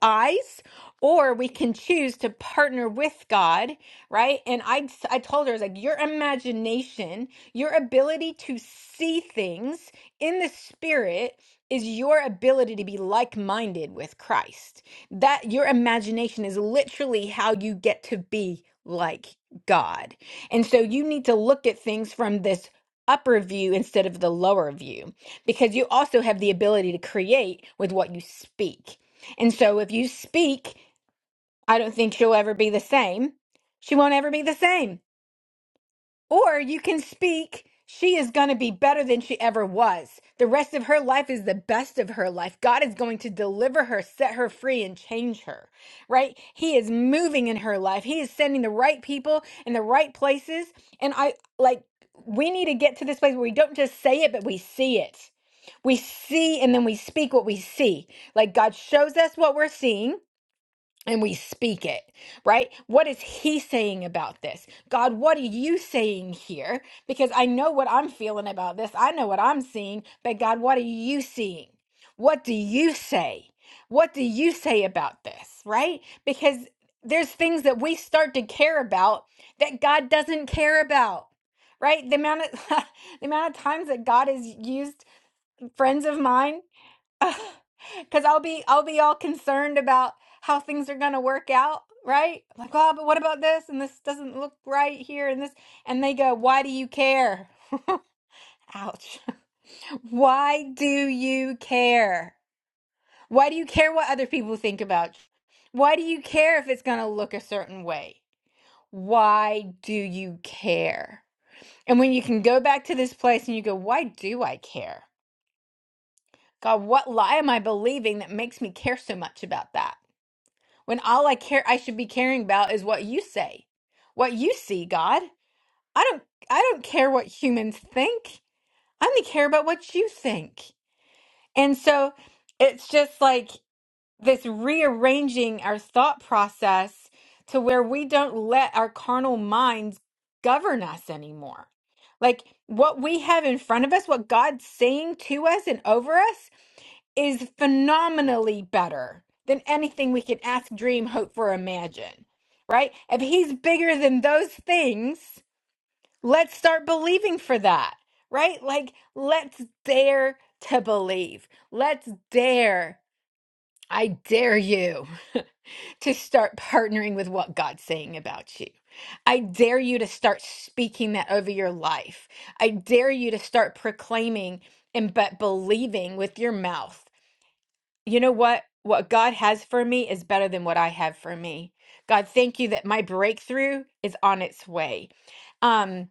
S1: eyes or we can choose to partner with god right and i i told her i was like your imagination your ability to see things in the spirit is your ability to be like-minded with christ that your imagination is literally how you get to be like god and so you need to look at things from this upper view instead of the lower view because you also have the ability to create with what you speak and so if you speak, I don't think she'll ever be the same. She won't ever be the same. Or you can speak, she is going to be better than she ever was. The rest of her life is the best of her life. God is going to deliver her, set her free, and change her, right? He is moving in her life. He is sending the right people in the right places. And I like, we need to get to this place where we don't just say it, but we see it. We see and then we speak what we see. Like God shows us what we're seeing and we speak it, right? What is he saying about this? God, what are you saying here? Because I know what I'm feeling about this. I know what I'm seeing, but God, what are you seeing? What do you say? What do you say about this, right? Because there's things that we start to care about that God doesn't care about. Right? The amount of <laughs> the amount of times that God has used friends of mine <laughs> because I'll be I'll be all concerned about how things are gonna work out, right? Like, oh, but what about this? And this doesn't look right here, and this, and they go, "Why do you care?" <laughs> Ouch. <laughs> Why do you care? Why do you care what other people think about? you? Why do you care if it's gonna look a certain way? Why do you care? And when you can go back to this place and you go, "Why do I care?" God, what lie am I believing that makes me care so much about that? when all I care I should be caring about is what you say, what you see, God. I don't I don't care what humans think. I only care about what you think. And so it's just like this rearranging our thought process to where we don't let our carnal minds govern us anymore. Like what we have in front of us, what God's saying to us and over us, is phenomenally better than anything we can ask, dream, hope for, imagine, right? If he's bigger than those things, let's start believing for that, right? Like, let's dare to believe. Let's dare, I dare you <laughs> to start partnering with what God's saying about you. I dare you to start speaking that over your life. I dare you to start proclaiming and but believing with your mouth you know what? What God has for me is better than what I have for me. God, thank you that my breakthrough is on its way. Um,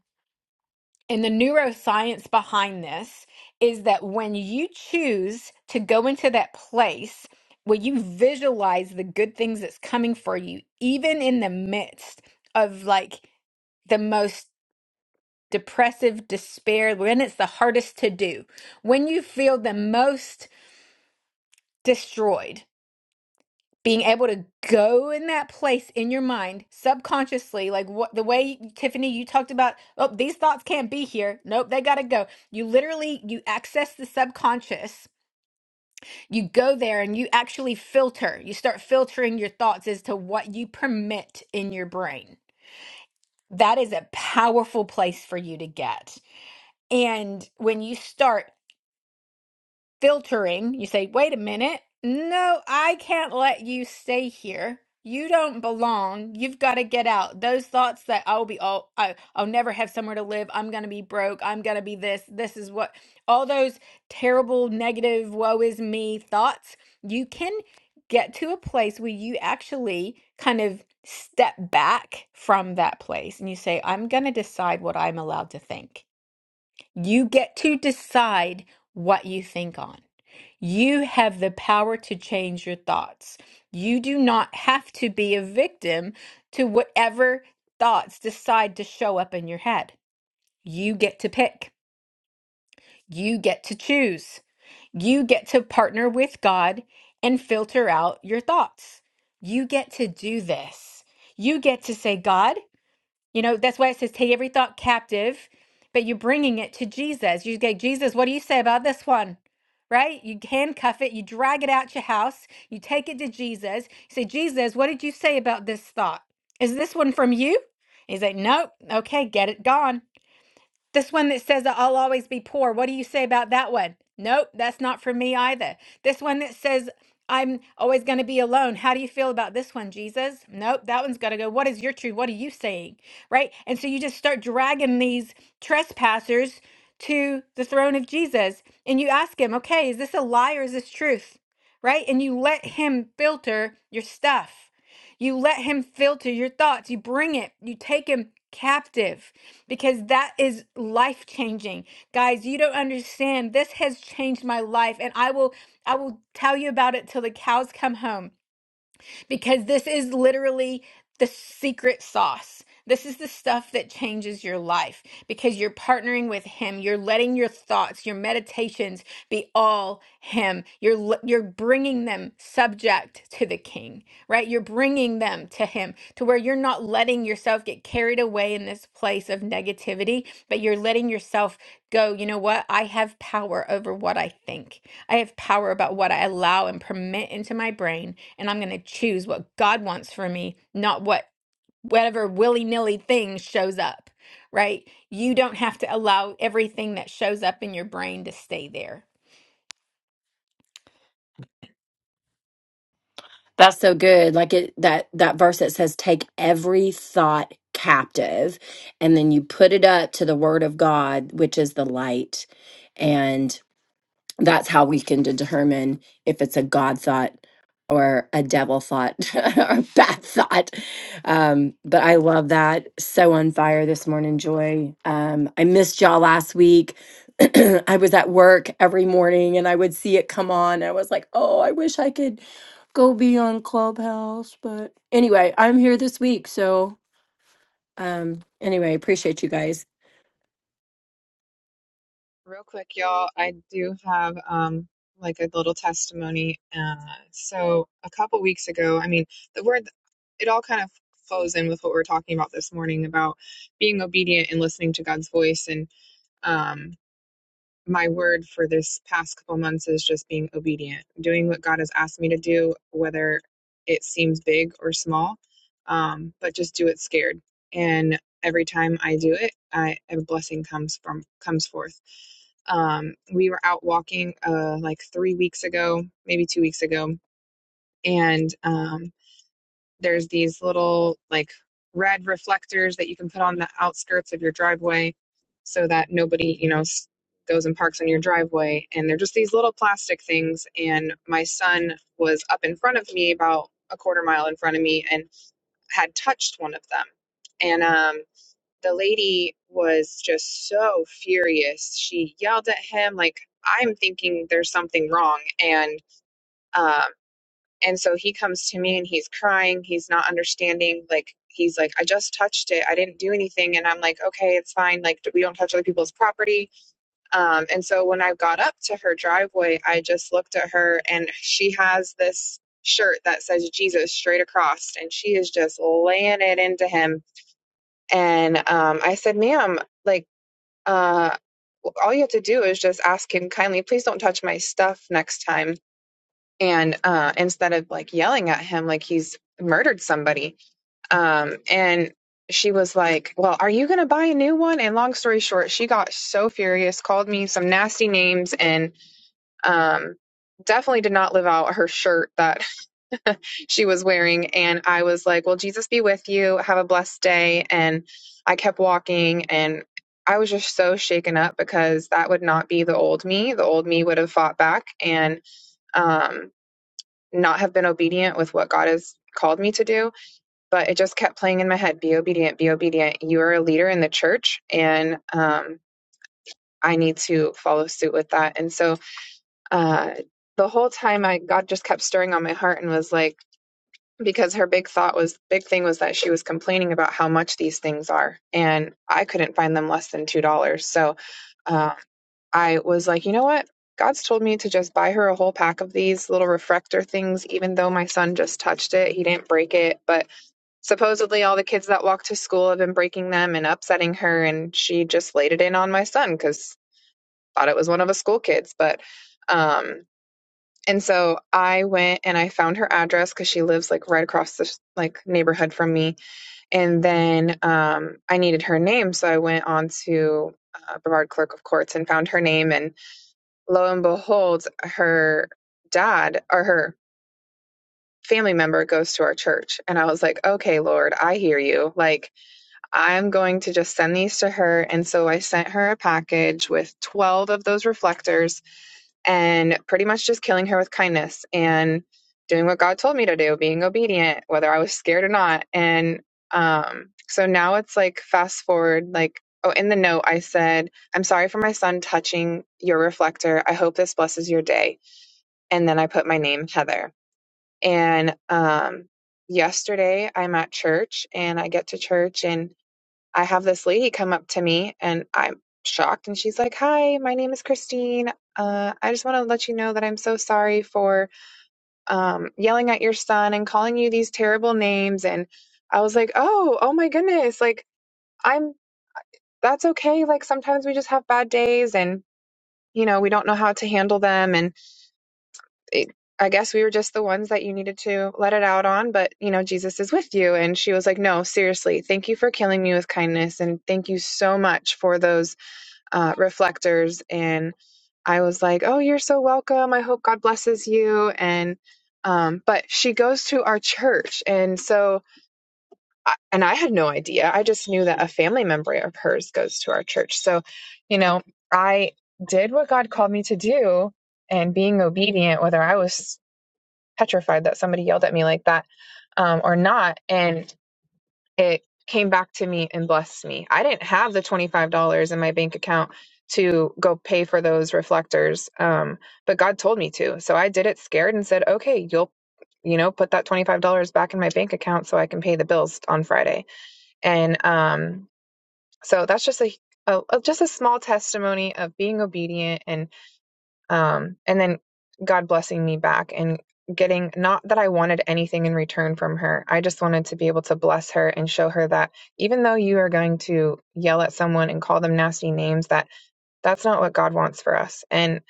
S1: and the neuroscience behind this is that when you choose to go into that place where you visualize the good things that's coming for you, even in the midst of like the most depressive despair, when it's the hardest to do, when you feel the most destroyed, being able to go in that place in your mind subconsciously like what the way tiffany you talked about oh these thoughts can't be here nope they gotta go you literally you access the subconscious you go there and you actually filter you start filtering your thoughts as to what you permit in your brain that is a powerful place for you to get and when you start filtering. You say, wait a minute. No, I can't let you stay here. You don't belong. You've got to get out. Those thoughts that I'll be all, I, I'll never have somewhere to live. I'm going to be broke. I'm going to be this. This is what, all those terrible, negative, woe is me thoughts. You can get to a place where you actually kind of step back from that place and you say, I'm going to decide what I'm allowed to think. You get to decide what you think on. You have the power to change your thoughts. You do not have to be a victim to whatever thoughts decide to show up in your head. You get to pick, you get to choose, you get to partner with God and filter out your thoughts. You get to do this. You get to say, God, you know, that's why it says, take every thought captive, but you're bringing it to Jesus. You say, Jesus, what do you say about this one? Right? You handcuff it, you drag it out your house, you take it to Jesus. You say, Jesus, what did you say about this thought? Is this one from you? He's like, nope. Okay, get it gone. This one that says that I'll always be poor. What do you say about that one? Nope, that's not for me either. This one that says I'm always going to be alone. How do you feel about this one, Jesus? Nope, that one's got to go. What is your truth? What are you saying? Right? And so you just start dragging these trespassers to the throne of Jesus and you ask him, okay, is this a lie or is this truth? Right? And you let him filter your stuff. You let him filter your thoughts. You bring it, you take him captive because that is life changing. Guys, you don't understand. This has changed my life and I will I will tell you about it till the cows come home because this is literally the secret sauce. This is the stuff that changes your life because you're partnering with him. You're letting your thoughts, your meditations be all him. You're l- you're bringing them subject to the king, right? You're bringing them to him to where you're not letting yourself get carried away in this place of negativity, but you're letting yourself go, you know what? I have power over what I think. I have power about what I allow and permit into my brain and I'm going to choose what God wants for me, not what whatever willy-nilly thing shows up, right? You don't have to allow everything that shows up in your brain to stay there.
S6: That's so good. Like it that that verse that says take every thought captive and then you put it up to the word of God, which is the light. that's how we can determine if it's a God thought or a devil thought <laughs> or a bad thought. Um, but I love that. So on fire this morning, Joy. Um, I missed y'all last week. <clears throat> I was at work every morning and I would see it come on. I was like, oh, I wish I could go be on Clubhouse. But anyway, I'm here this week. So um, anyway, appreciate you guys.
S7: Real quick, y'all, I do have um like a little testimony. Uh, so a couple weeks ago, I mean, the word it all kind of flows in with what we are talking about this morning about being obedient and listening to God's voice. And um my word for this past couple months is just being obedient, doing what God has asked me to do, whether it seems big or small, um, but just do it scared. And every time I do it, I, a blessing comes from comes forth. Um, we were out walking uh, like three weeks ago, maybe two weeks ago, and um, there's these little like red reflectors that you can put on the outskirts of your driveway so that nobody, you know, s- goes and parks on your driveway. And they're just these little plastic things. And my son was up in front of me, about a quarter mile in front of me, and had touched one of them. And um, the lady was just so furious. She yelled at him, like, I'm thinking there's something wrong. And um, and so he comes to me and he's crying. He's not understanding. Like, he's like, I just touched it. I didn't do anything. And I'm like, okay, it's fine. Like, we don't touch other people's property. Um, and so when I got up to her driveway, I just looked at her and she has this shirt that says Jesus straight across. And she is just laying it into him. And um, I said, ma'am, like, uh, all you have to do is just ask him kindly, please don't touch my stuff next time and uh, instead of like yelling at him like he's murdered somebody um, and she was like well are you going to buy a new one and long story short she got so furious called me some nasty names and um, definitely did not live out her shirt that <laughs> she was wearing and i was like well jesus be with you have a blessed day and i kept walking and i was just so shaken up because that would not be the old me the old me would have fought back and um, not have been obedient with what God has called me to do, but it just kept playing in my head be obedient, be obedient. You are a leader in the church, and um, I need to follow suit with that. And so uh, the whole time, I God just kept stirring on my heart and was like, because her big thought was, big thing was that she was complaining about how much these things are, and I couldn't find them less than $2. So, um, I was like, you know what? God's told me to just buy her a whole pack of these little refractor things, even though my son just touched it. He didn't break it, but supposedly all the kids that walk to school have been breaking them and upsetting her. And she just laid it in on my son because thought it was one of us school kids. But, um, and so I went and I found her address because she lives like right across the like neighborhood from me. And then um, I needed her name, so I went on to uh, Brevard Clerk of Courts and found her name. And lo and behold, her dad or her family member goes to our church. And I was like, okay, Lord, I hear you. Like, I'm going to just send these to her. And so I sent her a package with 12 of those reflectors and pretty much just killing her with kindness and doing what God told me to do, being obedient, whether I was scared or not. And um, so now it's like, fast forward, like, oh, in the note, I said, I'm sorry for my son touching your reflector. I hope this blesses your day and then I put my name Heather. And um, yesterday I'm at church and I get to church and I have this lady come up to me and I'm shocked and she's like, "Hi, my name is Christine. Uh, I just want to let you know that I'm so sorry for um, yelling at your son and calling you these terrible names." And I was like, "Oh, oh my goodness! Like I'm that's okay. Like sometimes we just have bad days and." You know, we don't know how to handle them. And it, I guess we were just the ones that you needed to let it out on, but you know, Jesus is with you. And she was like, No, seriously, thank you for killing me with kindness. And thank you so much for those uh, reflectors. And I was like, Oh, you're so welcome. I hope God blesses you. And, um, but she goes to our church. And so, I- and I had no idea. I just knew that a family member of hers goes to our church. So, you know, I did what God called me to do and being obedient, whether I was petrified that somebody yelled at me like that um, or not. And it came back to me and blessed me. I didn't have the $25 in my bank account to go pay for those reflectors, um, but God told me to. So I did it scared and said, okay, you'll. You know, put that $25 back in my bank account so I can pay the bills on Friday. And um, so that's just a, a just a small testimony of being obedient and um, and then God blessing me back and getting not that I wanted anything in return from her. I just wanted to be able to bless her and show her that even though you are going to yell at someone and call them nasty names, that that's not what God wants for us. And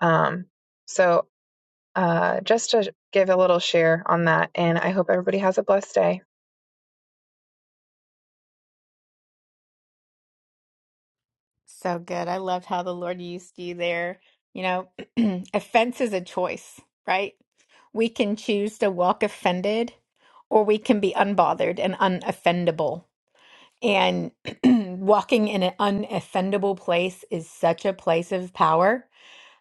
S7: um, so, uh, just to give a little share on that, and I hope everybody has a blessed day.
S1: So good. I loved how the Lord used you there. You know, <clears throat> offense is a choice, right? We can choose to walk offended or we can be unbothered and unoffendable. And <clears throat> walking in an unoffendable place is such a place of power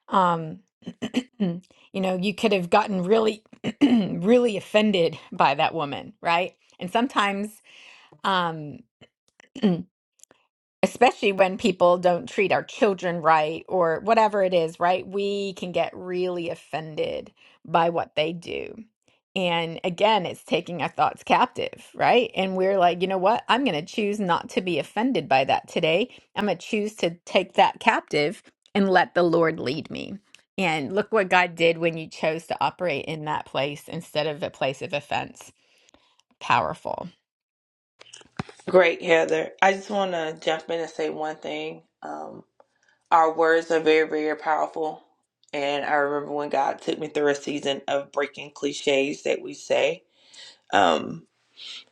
S1: Um, <clears throat> you know, you could have gotten really, <clears throat> really offended by that woman, right? And sometimes, um, <clears throat> especially when people don't treat our children right or whatever it is, right? We can get really offended by what they do. And again, it's taking our thoughts captive, right? And we're like, you know what? I'm going to choose not to be offended by that today. I'm going to choose to take that captive and let the Lord lead me. And look what God did when you chose to operate in that place instead of a place of offense. Powerful.
S8: Great, Heather. I just want to jump in and say one thing. Um, our words are very, very powerful. And I remember when God took me through a season of breaking cliches that we say. Um,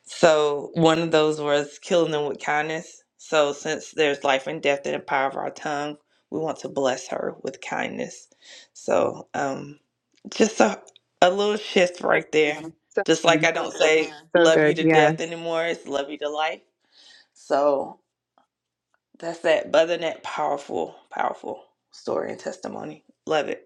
S8: so one of those was killing them with kindness. So since there's life and death in the power of our tongue, we want to bless her with kindness. So um, just a, a little shift right there. Mhm.
S7: So
S8: Just like
S7: good.
S8: I don't say Mhm.
S7: So
S8: love you
S7: good.
S8: to death
S7: Yes.
S8: anymore, it's love you to life. So that's that. But other than that, powerful, powerful story and testimony. Love it.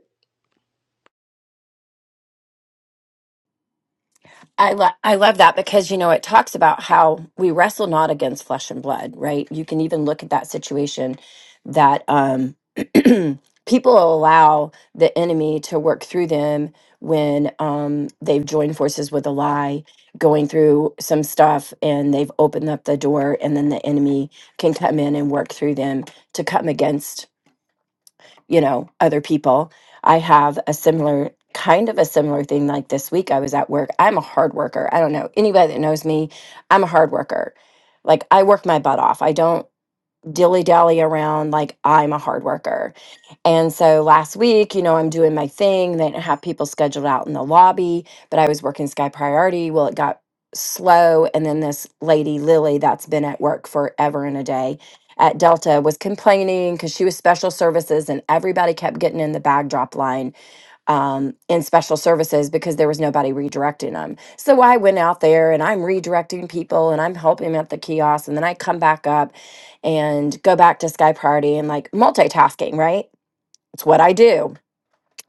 S6: I, lo- I love that because, you know, it talks about how we wrestle not against flesh and blood, right? You can even look at that situation that um, <clears throat> people allow the enemy to work through them when um, they've joined forces with a lie, going through some stuff, and they've opened up the door, and then the enemy can come in and work through them to come against you know other people i have a similar kind of a similar thing like this week i was at work i'm a hard worker i don't know anybody that knows me i'm a hard worker like i work my butt off i don't dilly dally around like i'm a hard worker and so last week, you know, I'm doing my thing. They didn't have people scheduled out in the lobby, but I was working Sky Priority. Well, it got slow. And then this lady, Lily, that's been at work forever and a day at Delta, was complaining because she was special services and everybody kept getting in the bag drop line um, in special services because there was nobody redirecting them. So I went out there and I'm redirecting people and I'm helping at the kiosk. And then I come back up and go back to Sky Priority and like multitasking, right? It's what I do.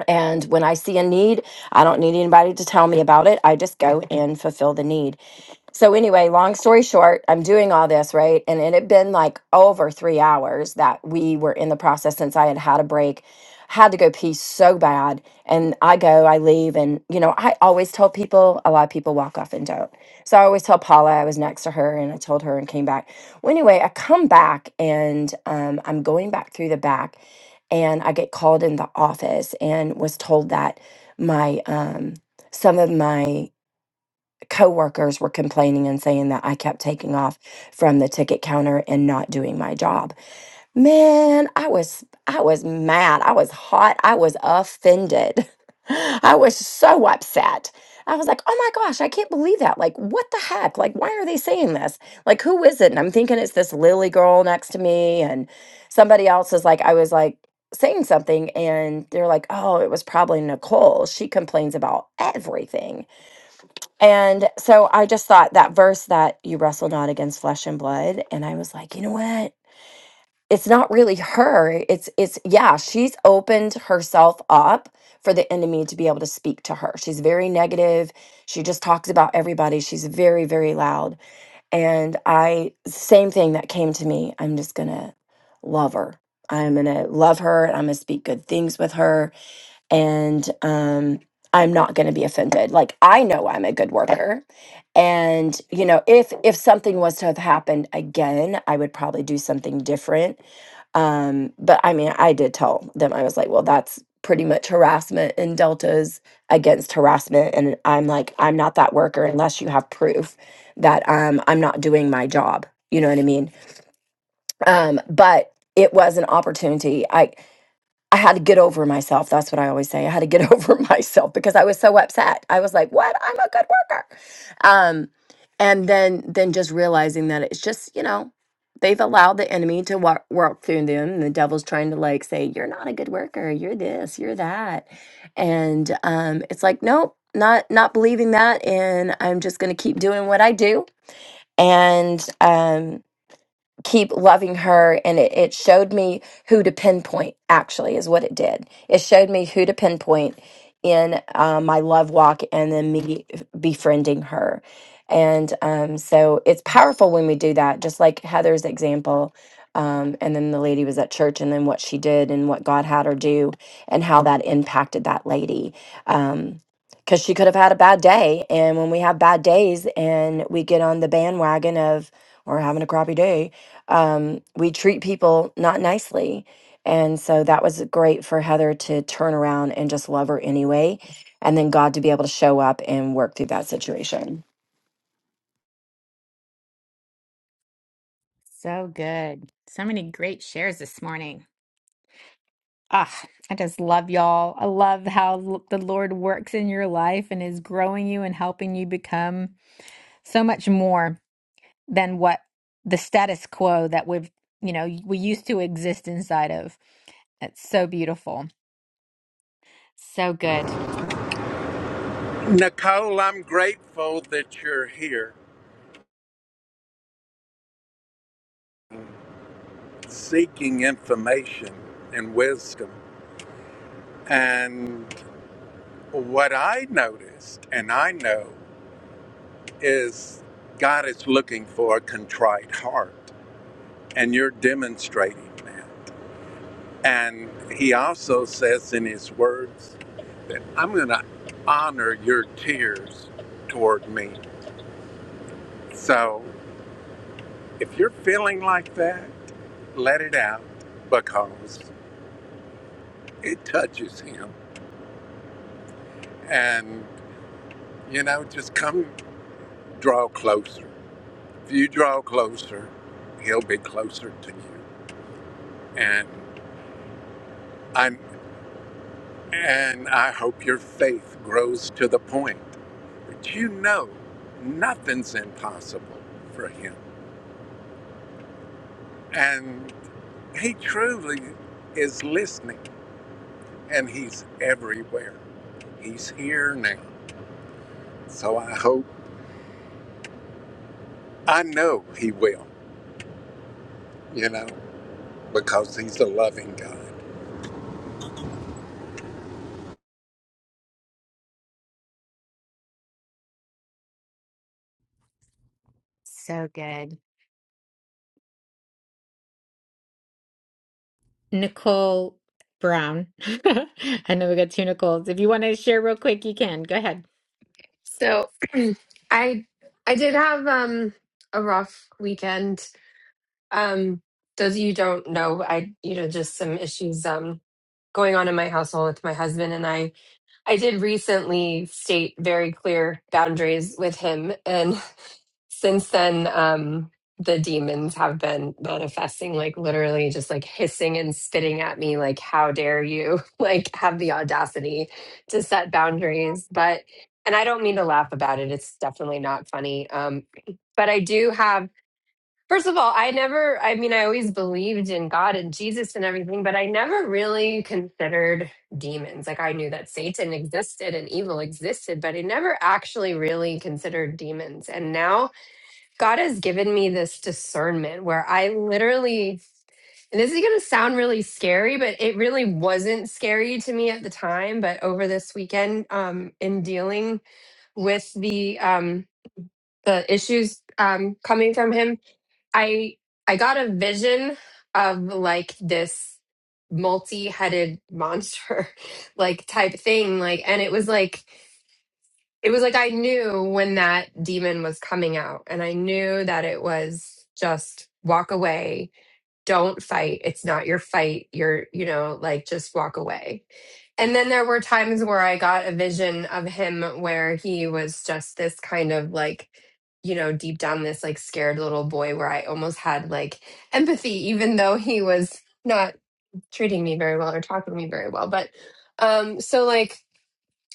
S6: And when I see a need, I don't need anybody to tell me about it. I just go and fulfill the need. So anyway, long story short, I'm doing all this, right? And it had been like over three hours that we were in the process since I had had a break, had to go pee so bad. And I go, I leave. And, you know, I always tell people, a lot of people walk off and don't. So I always tell Paula I was next to her and I told her and came back. Well, anyway, I come back and um, I'm going back through the back and I get called in the office and was told that my, um, some of my coworkers were complaining and saying that I kept taking off from the ticket counter and not doing my job. Man, I was I was mad. I was hot. I was offended. <laughs> I was so upset. I was like, "Oh my gosh, I can't believe that. Like, what the heck? Like, why are they saying this? Like, who is it?" And I'm thinking it's this Lily girl next to me and somebody else is like I was like saying something and they're like, "Oh, it was probably Nicole. She complains about everything." And so I just thought that verse that you wrestle not against flesh and blood and I was like, you know what? It's not really her. It's it's yeah, she's opened herself up for the enemy to be able to speak to her. She's very negative. She just talks about everybody. She's very very loud. And I same thing that came to me. I'm just going to love her. I'm going to love her and I'm going to speak good things with her and um i'm not going to be offended like i know i'm a good worker and you know if if something was to have happened again i would probably do something different um but i mean i did tell them i was like well that's pretty much harassment and deltas against harassment and i'm like i'm not that worker unless you have proof that um i'm not doing my job you know what i mean um but it was an opportunity I. I had to get over myself. That's what I always say. I had to get <laughs> over myself because I was so upset. I was like, "What? I'm a good worker." Um, and then then just realizing that it's just you know they've allowed the enemy to walk, work through them. And the devil's trying to like say, "You're not a good worker. You're this. You're that," and um, it's like, nope, not not believing that, and I'm just going to keep doing what I do. And um, keep loving her and it, it showed me who to pinpoint actually is what it did it showed me who to pinpoint in uh, my love walk and then me befriending her and um, so it's powerful when we do that just like heather's example um, and then the lady was at church and then what she did and what god had her do and how that impacted that lady um, because she could have had a bad day and when we have bad days and we get on the bandwagon of we're having a crappy day um, we treat people not nicely. And so that was great for Heather to turn around and just love her anyway. And then God to be able to show up and work through that situation.
S1: So good. So many great shares this morning. Ah, I just love y'all. I love how l- the Lord works in your life and is growing you and helping you become so much more than what the status quo that we've, you know, we used to exist inside of. It's so beautiful. So good.
S2: Nicole, I'm grateful that you're here seeking information and wisdom. And what I noticed, and I know is God is looking for a contrite heart, and you're demonstrating that. And He also says in His words that I'm going to honor your tears toward me. So if you're feeling like that, let it out because it touches Him. And, you know, just come draw closer. If you draw closer, He'll be closer to you. And I. And I hope your faith grows to the point that you know nothing's impossible for Him. And He truly is listening and He's everywhere. He's here now. So I hope, I know He will, you know, because He's a loving God.
S1: So good. Nicole Brown. <laughs> I know we got two Nicoles. If you want to share real quick, you can. Go ahead.
S9: So <clears throat> I I did have um a rough weekend. Um those of you who don't know, I you know just some issues um going on in my household with my husband and I. I did recently state very clear boundaries with him. And <laughs> since then, um, the demons have been manifesting, like literally just like hissing and spitting at me, like, how dare you, <laughs> like, have the audacity to set boundaries. But, and I don't mean to laugh about it, it's definitely not funny. Um, but I do have First of all, I never, I mean, I always believed in God and Jesus and everything, but I never really considered demons. Like I knew that Satan existed and evil existed, but I never actually really considered demons. And now God has given me this discernment where I literally, and this is going to sound really scary, but it really wasn't scary to me at the time. But over this weekend, um, in dealing with the, um, the issues um, coming from him I I got a vision of like this multi-headed monster <laughs> like type thing like and it was like it was like I knew when that demon was coming out and I knew that it was just walk away don't fight it's not your fight you're you know like just walk away and then there were times where i got a vision of him where he was just this kind of like you know deep down this like scared little boy where i almost had like empathy even though he was not treating me very well or talking to me very well but um so like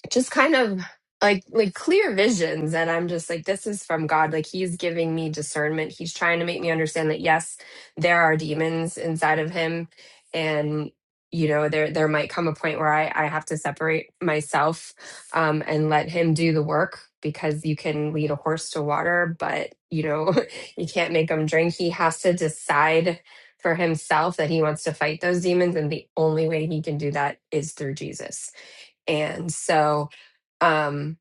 S9: just kind of like like clear visions and i'm just like this is from god like he's giving me discernment he's trying to make me understand that yes there are demons inside of him and you know there there might come a point where i i have to separate myself um and let him do the work because you can lead a horse to water but you know <laughs> you can't make him drink he has to decide for himself that he wants to fight those demons and the only way he can do that is through jesus and so um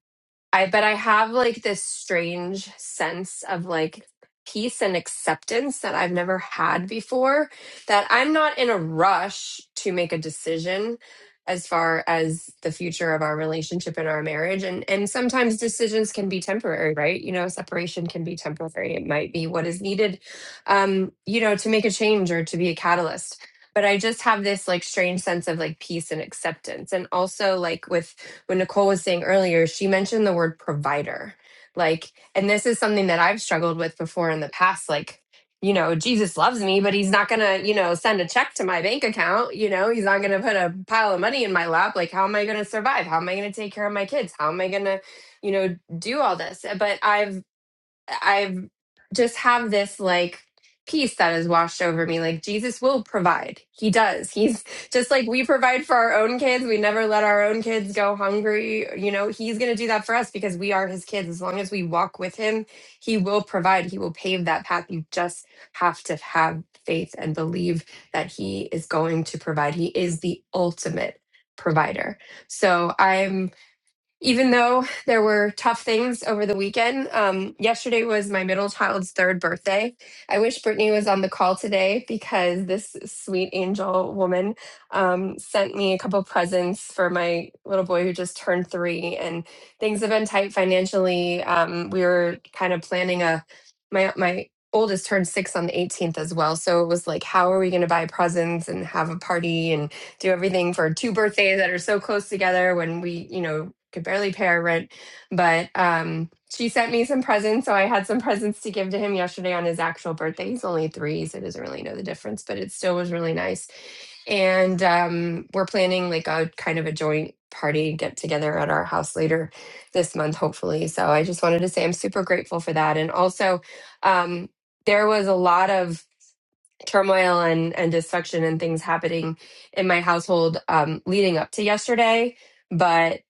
S9: I but I have like this strange sense of like peace and acceptance that I've never had before that I'm not in a rush to make a decision as far as the future of our relationship and our marriage and and sometimes decisions can be temporary right you know separation can be temporary it might be what is needed um you know to make a change or to be a catalyst but I just have this like strange sense of like peace and acceptance. And also, like with when Nicole was saying earlier, she mentioned the word provider. Like, and this is something that I've struggled with before in the past. Like, you know, Jesus loves me, but he's not going to, you know, send a check to my bank account. You know, he's not going to put a pile of money in my lap. Like, how am I going to survive? How am I going to take care of my kids? How am I going to, you know, do all this? But I've I've just have this like peace that is washed over me. Like Jesus will provide. He does. He's <laughs> just like we provide for our own kids. We never let our own kids go hungry. You know, he's going to do that for us because we are his kids. As long as we walk with him, he will provide. He will pave that path. You just have to have faith and believe that he is going to provide. He is the ultimate provider. So I'm even though there were tough things over the weekend, um, yesterday was my middle child's third birthday. I wish Brittany was on the call today because this sweet angel woman um, sent me a couple presents for my little boy who just turned three, and things have been tight financially. Um, we were kind of planning a my my oldest turned six on the 18th as well so it was like how are we going to buy presents and have a party and do everything for two birthdays that are so close together when we, you know, could barely pay our rent. But um, she sent me some presents. So I had some presents to give to him yesterday on his actual birthday. He's only three, so he doesn't really know the difference, but it still was really nice. And um, we're planning like a kind of a joint party get together at our house later this month, hopefully. So I just wanted to say I'm super grateful for that. And also, um, there was a lot of turmoil and and dysfunction and things happening in my household um leading up to yesterday but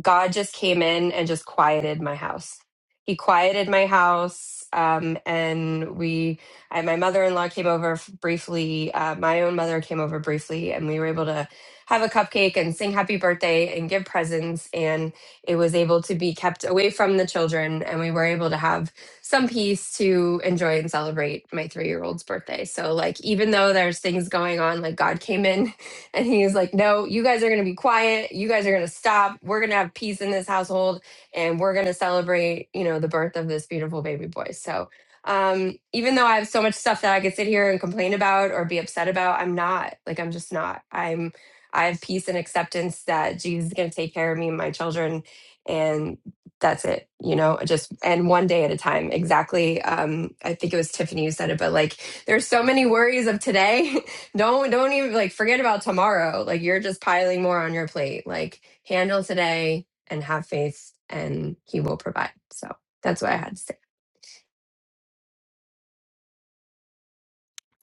S9: God just came in and just quieted my house. He quieted my house. Um, and we, I, my mother in law came over f- briefly. Uh, my own mother came over briefly, and we were able to have a cupcake and sing happy birthday and give presents. And it was able to be kept away from the children. And we were able to have some peace to enjoy and celebrate my three year old's birthday. So, like, even though there's things going on, like, God came in and he was like, No, you guys are going to be quiet. You guys are going to stop. We're going to have peace in this household and we're going to celebrate, you know, the birth of this beautiful baby boy. So, um, even though I have so much stuff that I could sit here and complain about or be upset about, I'm not. Like, I'm just not. I'm, I have peace and acceptance that Jesus is going to take care of me and my children. And that's it, you know, just, and one day at a time. Exactly. Um, I think it was Tiffany who said it, but like, there's so many worries of today <laughs> don't don't even like forget about tomorrow. Like you're just piling more on your plate. Like handle today and have faith and he will provide. So that's what I had to say.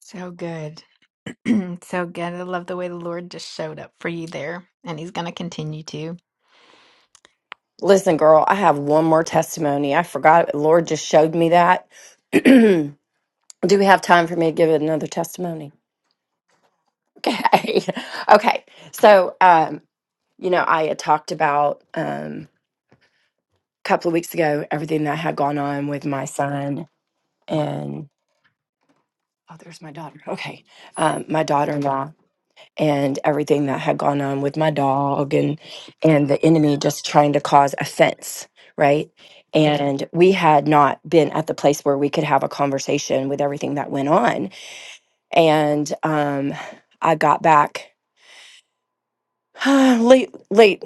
S1: So good. <clears throat> so good. I love the way the Lord just showed up for you there, and He's going to continue to.
S6: Listen, girl, I have one more testimony. I forgot. The Lord just showed me that. <clears throat> Do we have time for me to give it another testimony? Okay. <laughs> okay. So, um, you know, I had talked about um, a couple of weeks ago everything that had gone on with my son and. Oh, there's my daughter. Okay. Um, my daughter in law and everything that had gone on with my dog and and the enemy just trying to cause offense, right? Yeah. And we had not been at the place where we could have a conversation with everything that went on. And um I got back <sighs> late late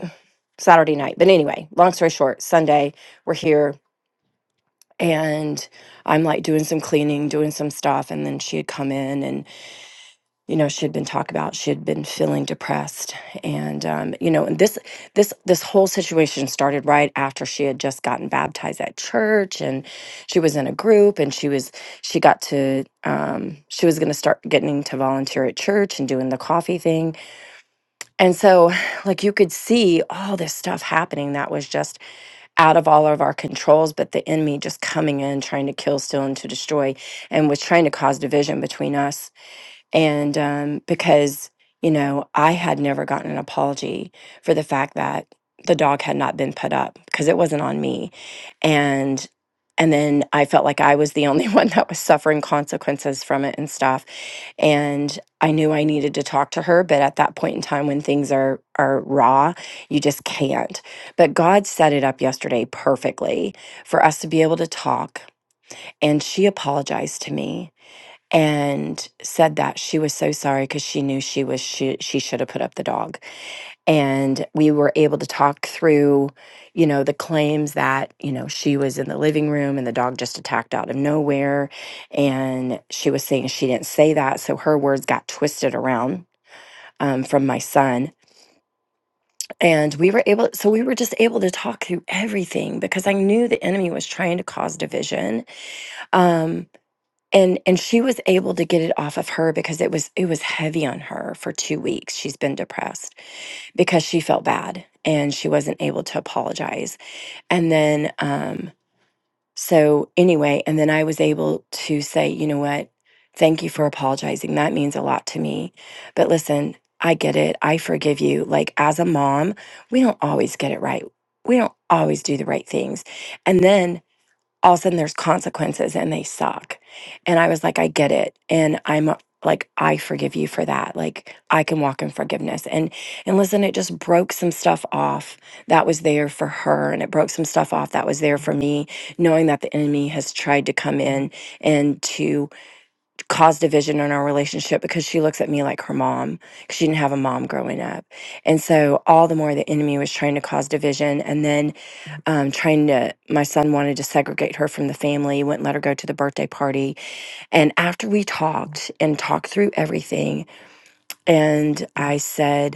S6: Saturday night. But anyway, long story short, Sunday we're here and I'm like doing some cleaning, doing some stuff, and then she had come in you know she had been talked about she had been feeling depressed and um, you know and this this this whole situation started right after she had just gotten baptized at church and she was in a group and she was she got to um, she was going to start getting to volunteer at church and doing the coffee thing and so like you could see all this stuff happening that was just out of all of our controls but the enemy just coming in trying to kill steal and to destroy and was trying to cause division between us and um, because, you know, I had never gotten an apology for the fact that the dog had not been put up because it wasn't on me. And and then I felt like I was the only <laughs> one that was suffering consequences from it and stuff. And I knew I needed to talk to her, but at that point in time when things are are raw, you just can't. But God set it up yesterday perfectly for us to be able to talk and she apologized to me and said that she was so sorry because she knew she was she, she should have put up the dog and we were able to talk through you know the claims that you know she was in the living room and the dog just attacked out of nowhere and she was saying she didn't say that so her words got twisted around um, from my son and we were able so we were just able to talk through everything because i knew the enemy was trying to cause division Um, and and she was able to get it off of her because it was it was heavy on her for 2 weeks she's been depressed because she felt bad and she wasn't able to apologize and then um so anyway and then I was able to say you know what thank you for apologizing that means a lot to me but listen I get it I forgive you like as a mom we don't always get it right we don't always do the right things and then all of a sudden there's consequences and they suck. And I was like, I get it. And I'm uh, like, I forgive you for that. Like I can walk in forgiveness. And and listen, it just broke some stuff off that was there for her. And it broke some stuff off that was there for me, knowing that the enemy has tried to come in and to caused division in our relationship because she looks at me like her mom 'cause she didn't have a mom growing up and so all the more the enemy was trying to cause division and then um, trying to my son wanted to segregate her from the family wouldn't let her go to the birthday party and after we talked and talked through everything and i said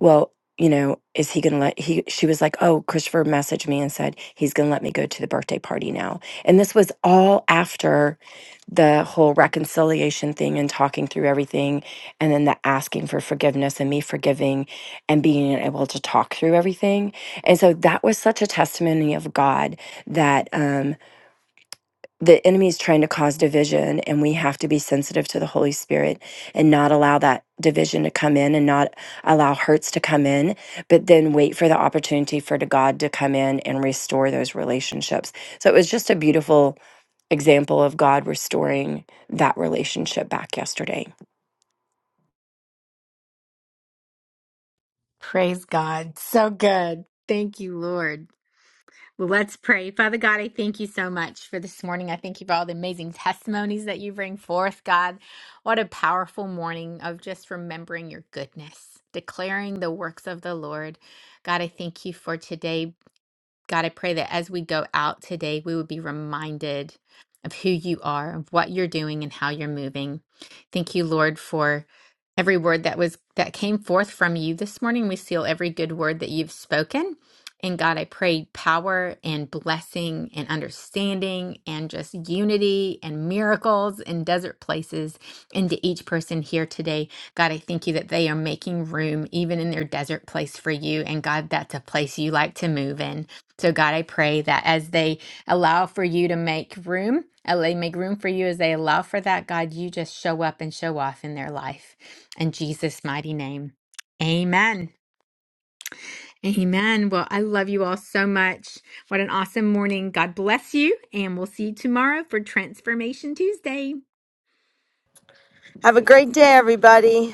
S6: well, you know, is he going to let he she was like, "Oh, Christopher messaged me and said he's going to let me go to the birthday party now." And this was all after the whole reconciliation thing and talking through everything and then the asking for forgiveness and me forgiving and being able to talk through everything. And so that was such a testimony of God that um, the enemy is trying to cause division and we have to be sensitive to the holy spirit and not allow that division to come in and not allow hurts to come in but then wait for the opportunity for to god to come in and restore those relationships so it was just a beautiful example of god restoring that relationship back yesterday
S1: Praise God. So good. Thank you, Lord. Well, let's pray. Father God, I thank you so much for this morning. I thank you for all the amazing testimonies that you bring forth, God. What a powerful morning of just remembering your goodness, declaring the works of the Lord. God, I thank you for today God, I pray that as we go out today, we would be reminded of who you are, of what you're doing and how you're moving. Thank you, Lord, for every word that was that came forth from you this morning. We seal every good word that you've spoken. And God, I pray power and blessing and understanding and just unity and miracles in desert places into each person here today. God, I thank you that they are making room even in their desert place for you. And God, that's a place you like to move in. So, God, I pray that as they allow for you to make room, uh, they make room for you as they allow for that, God, you just show up and show off in their life. In Jesus' mighty name, amen. Amen. Well, I love you all so much. What an awesome morning. God bless you. And we'll see you tomorrow for Transformation Tuesday.
S3: Have a great day, everybody.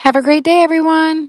S10: Have a great day, everyone.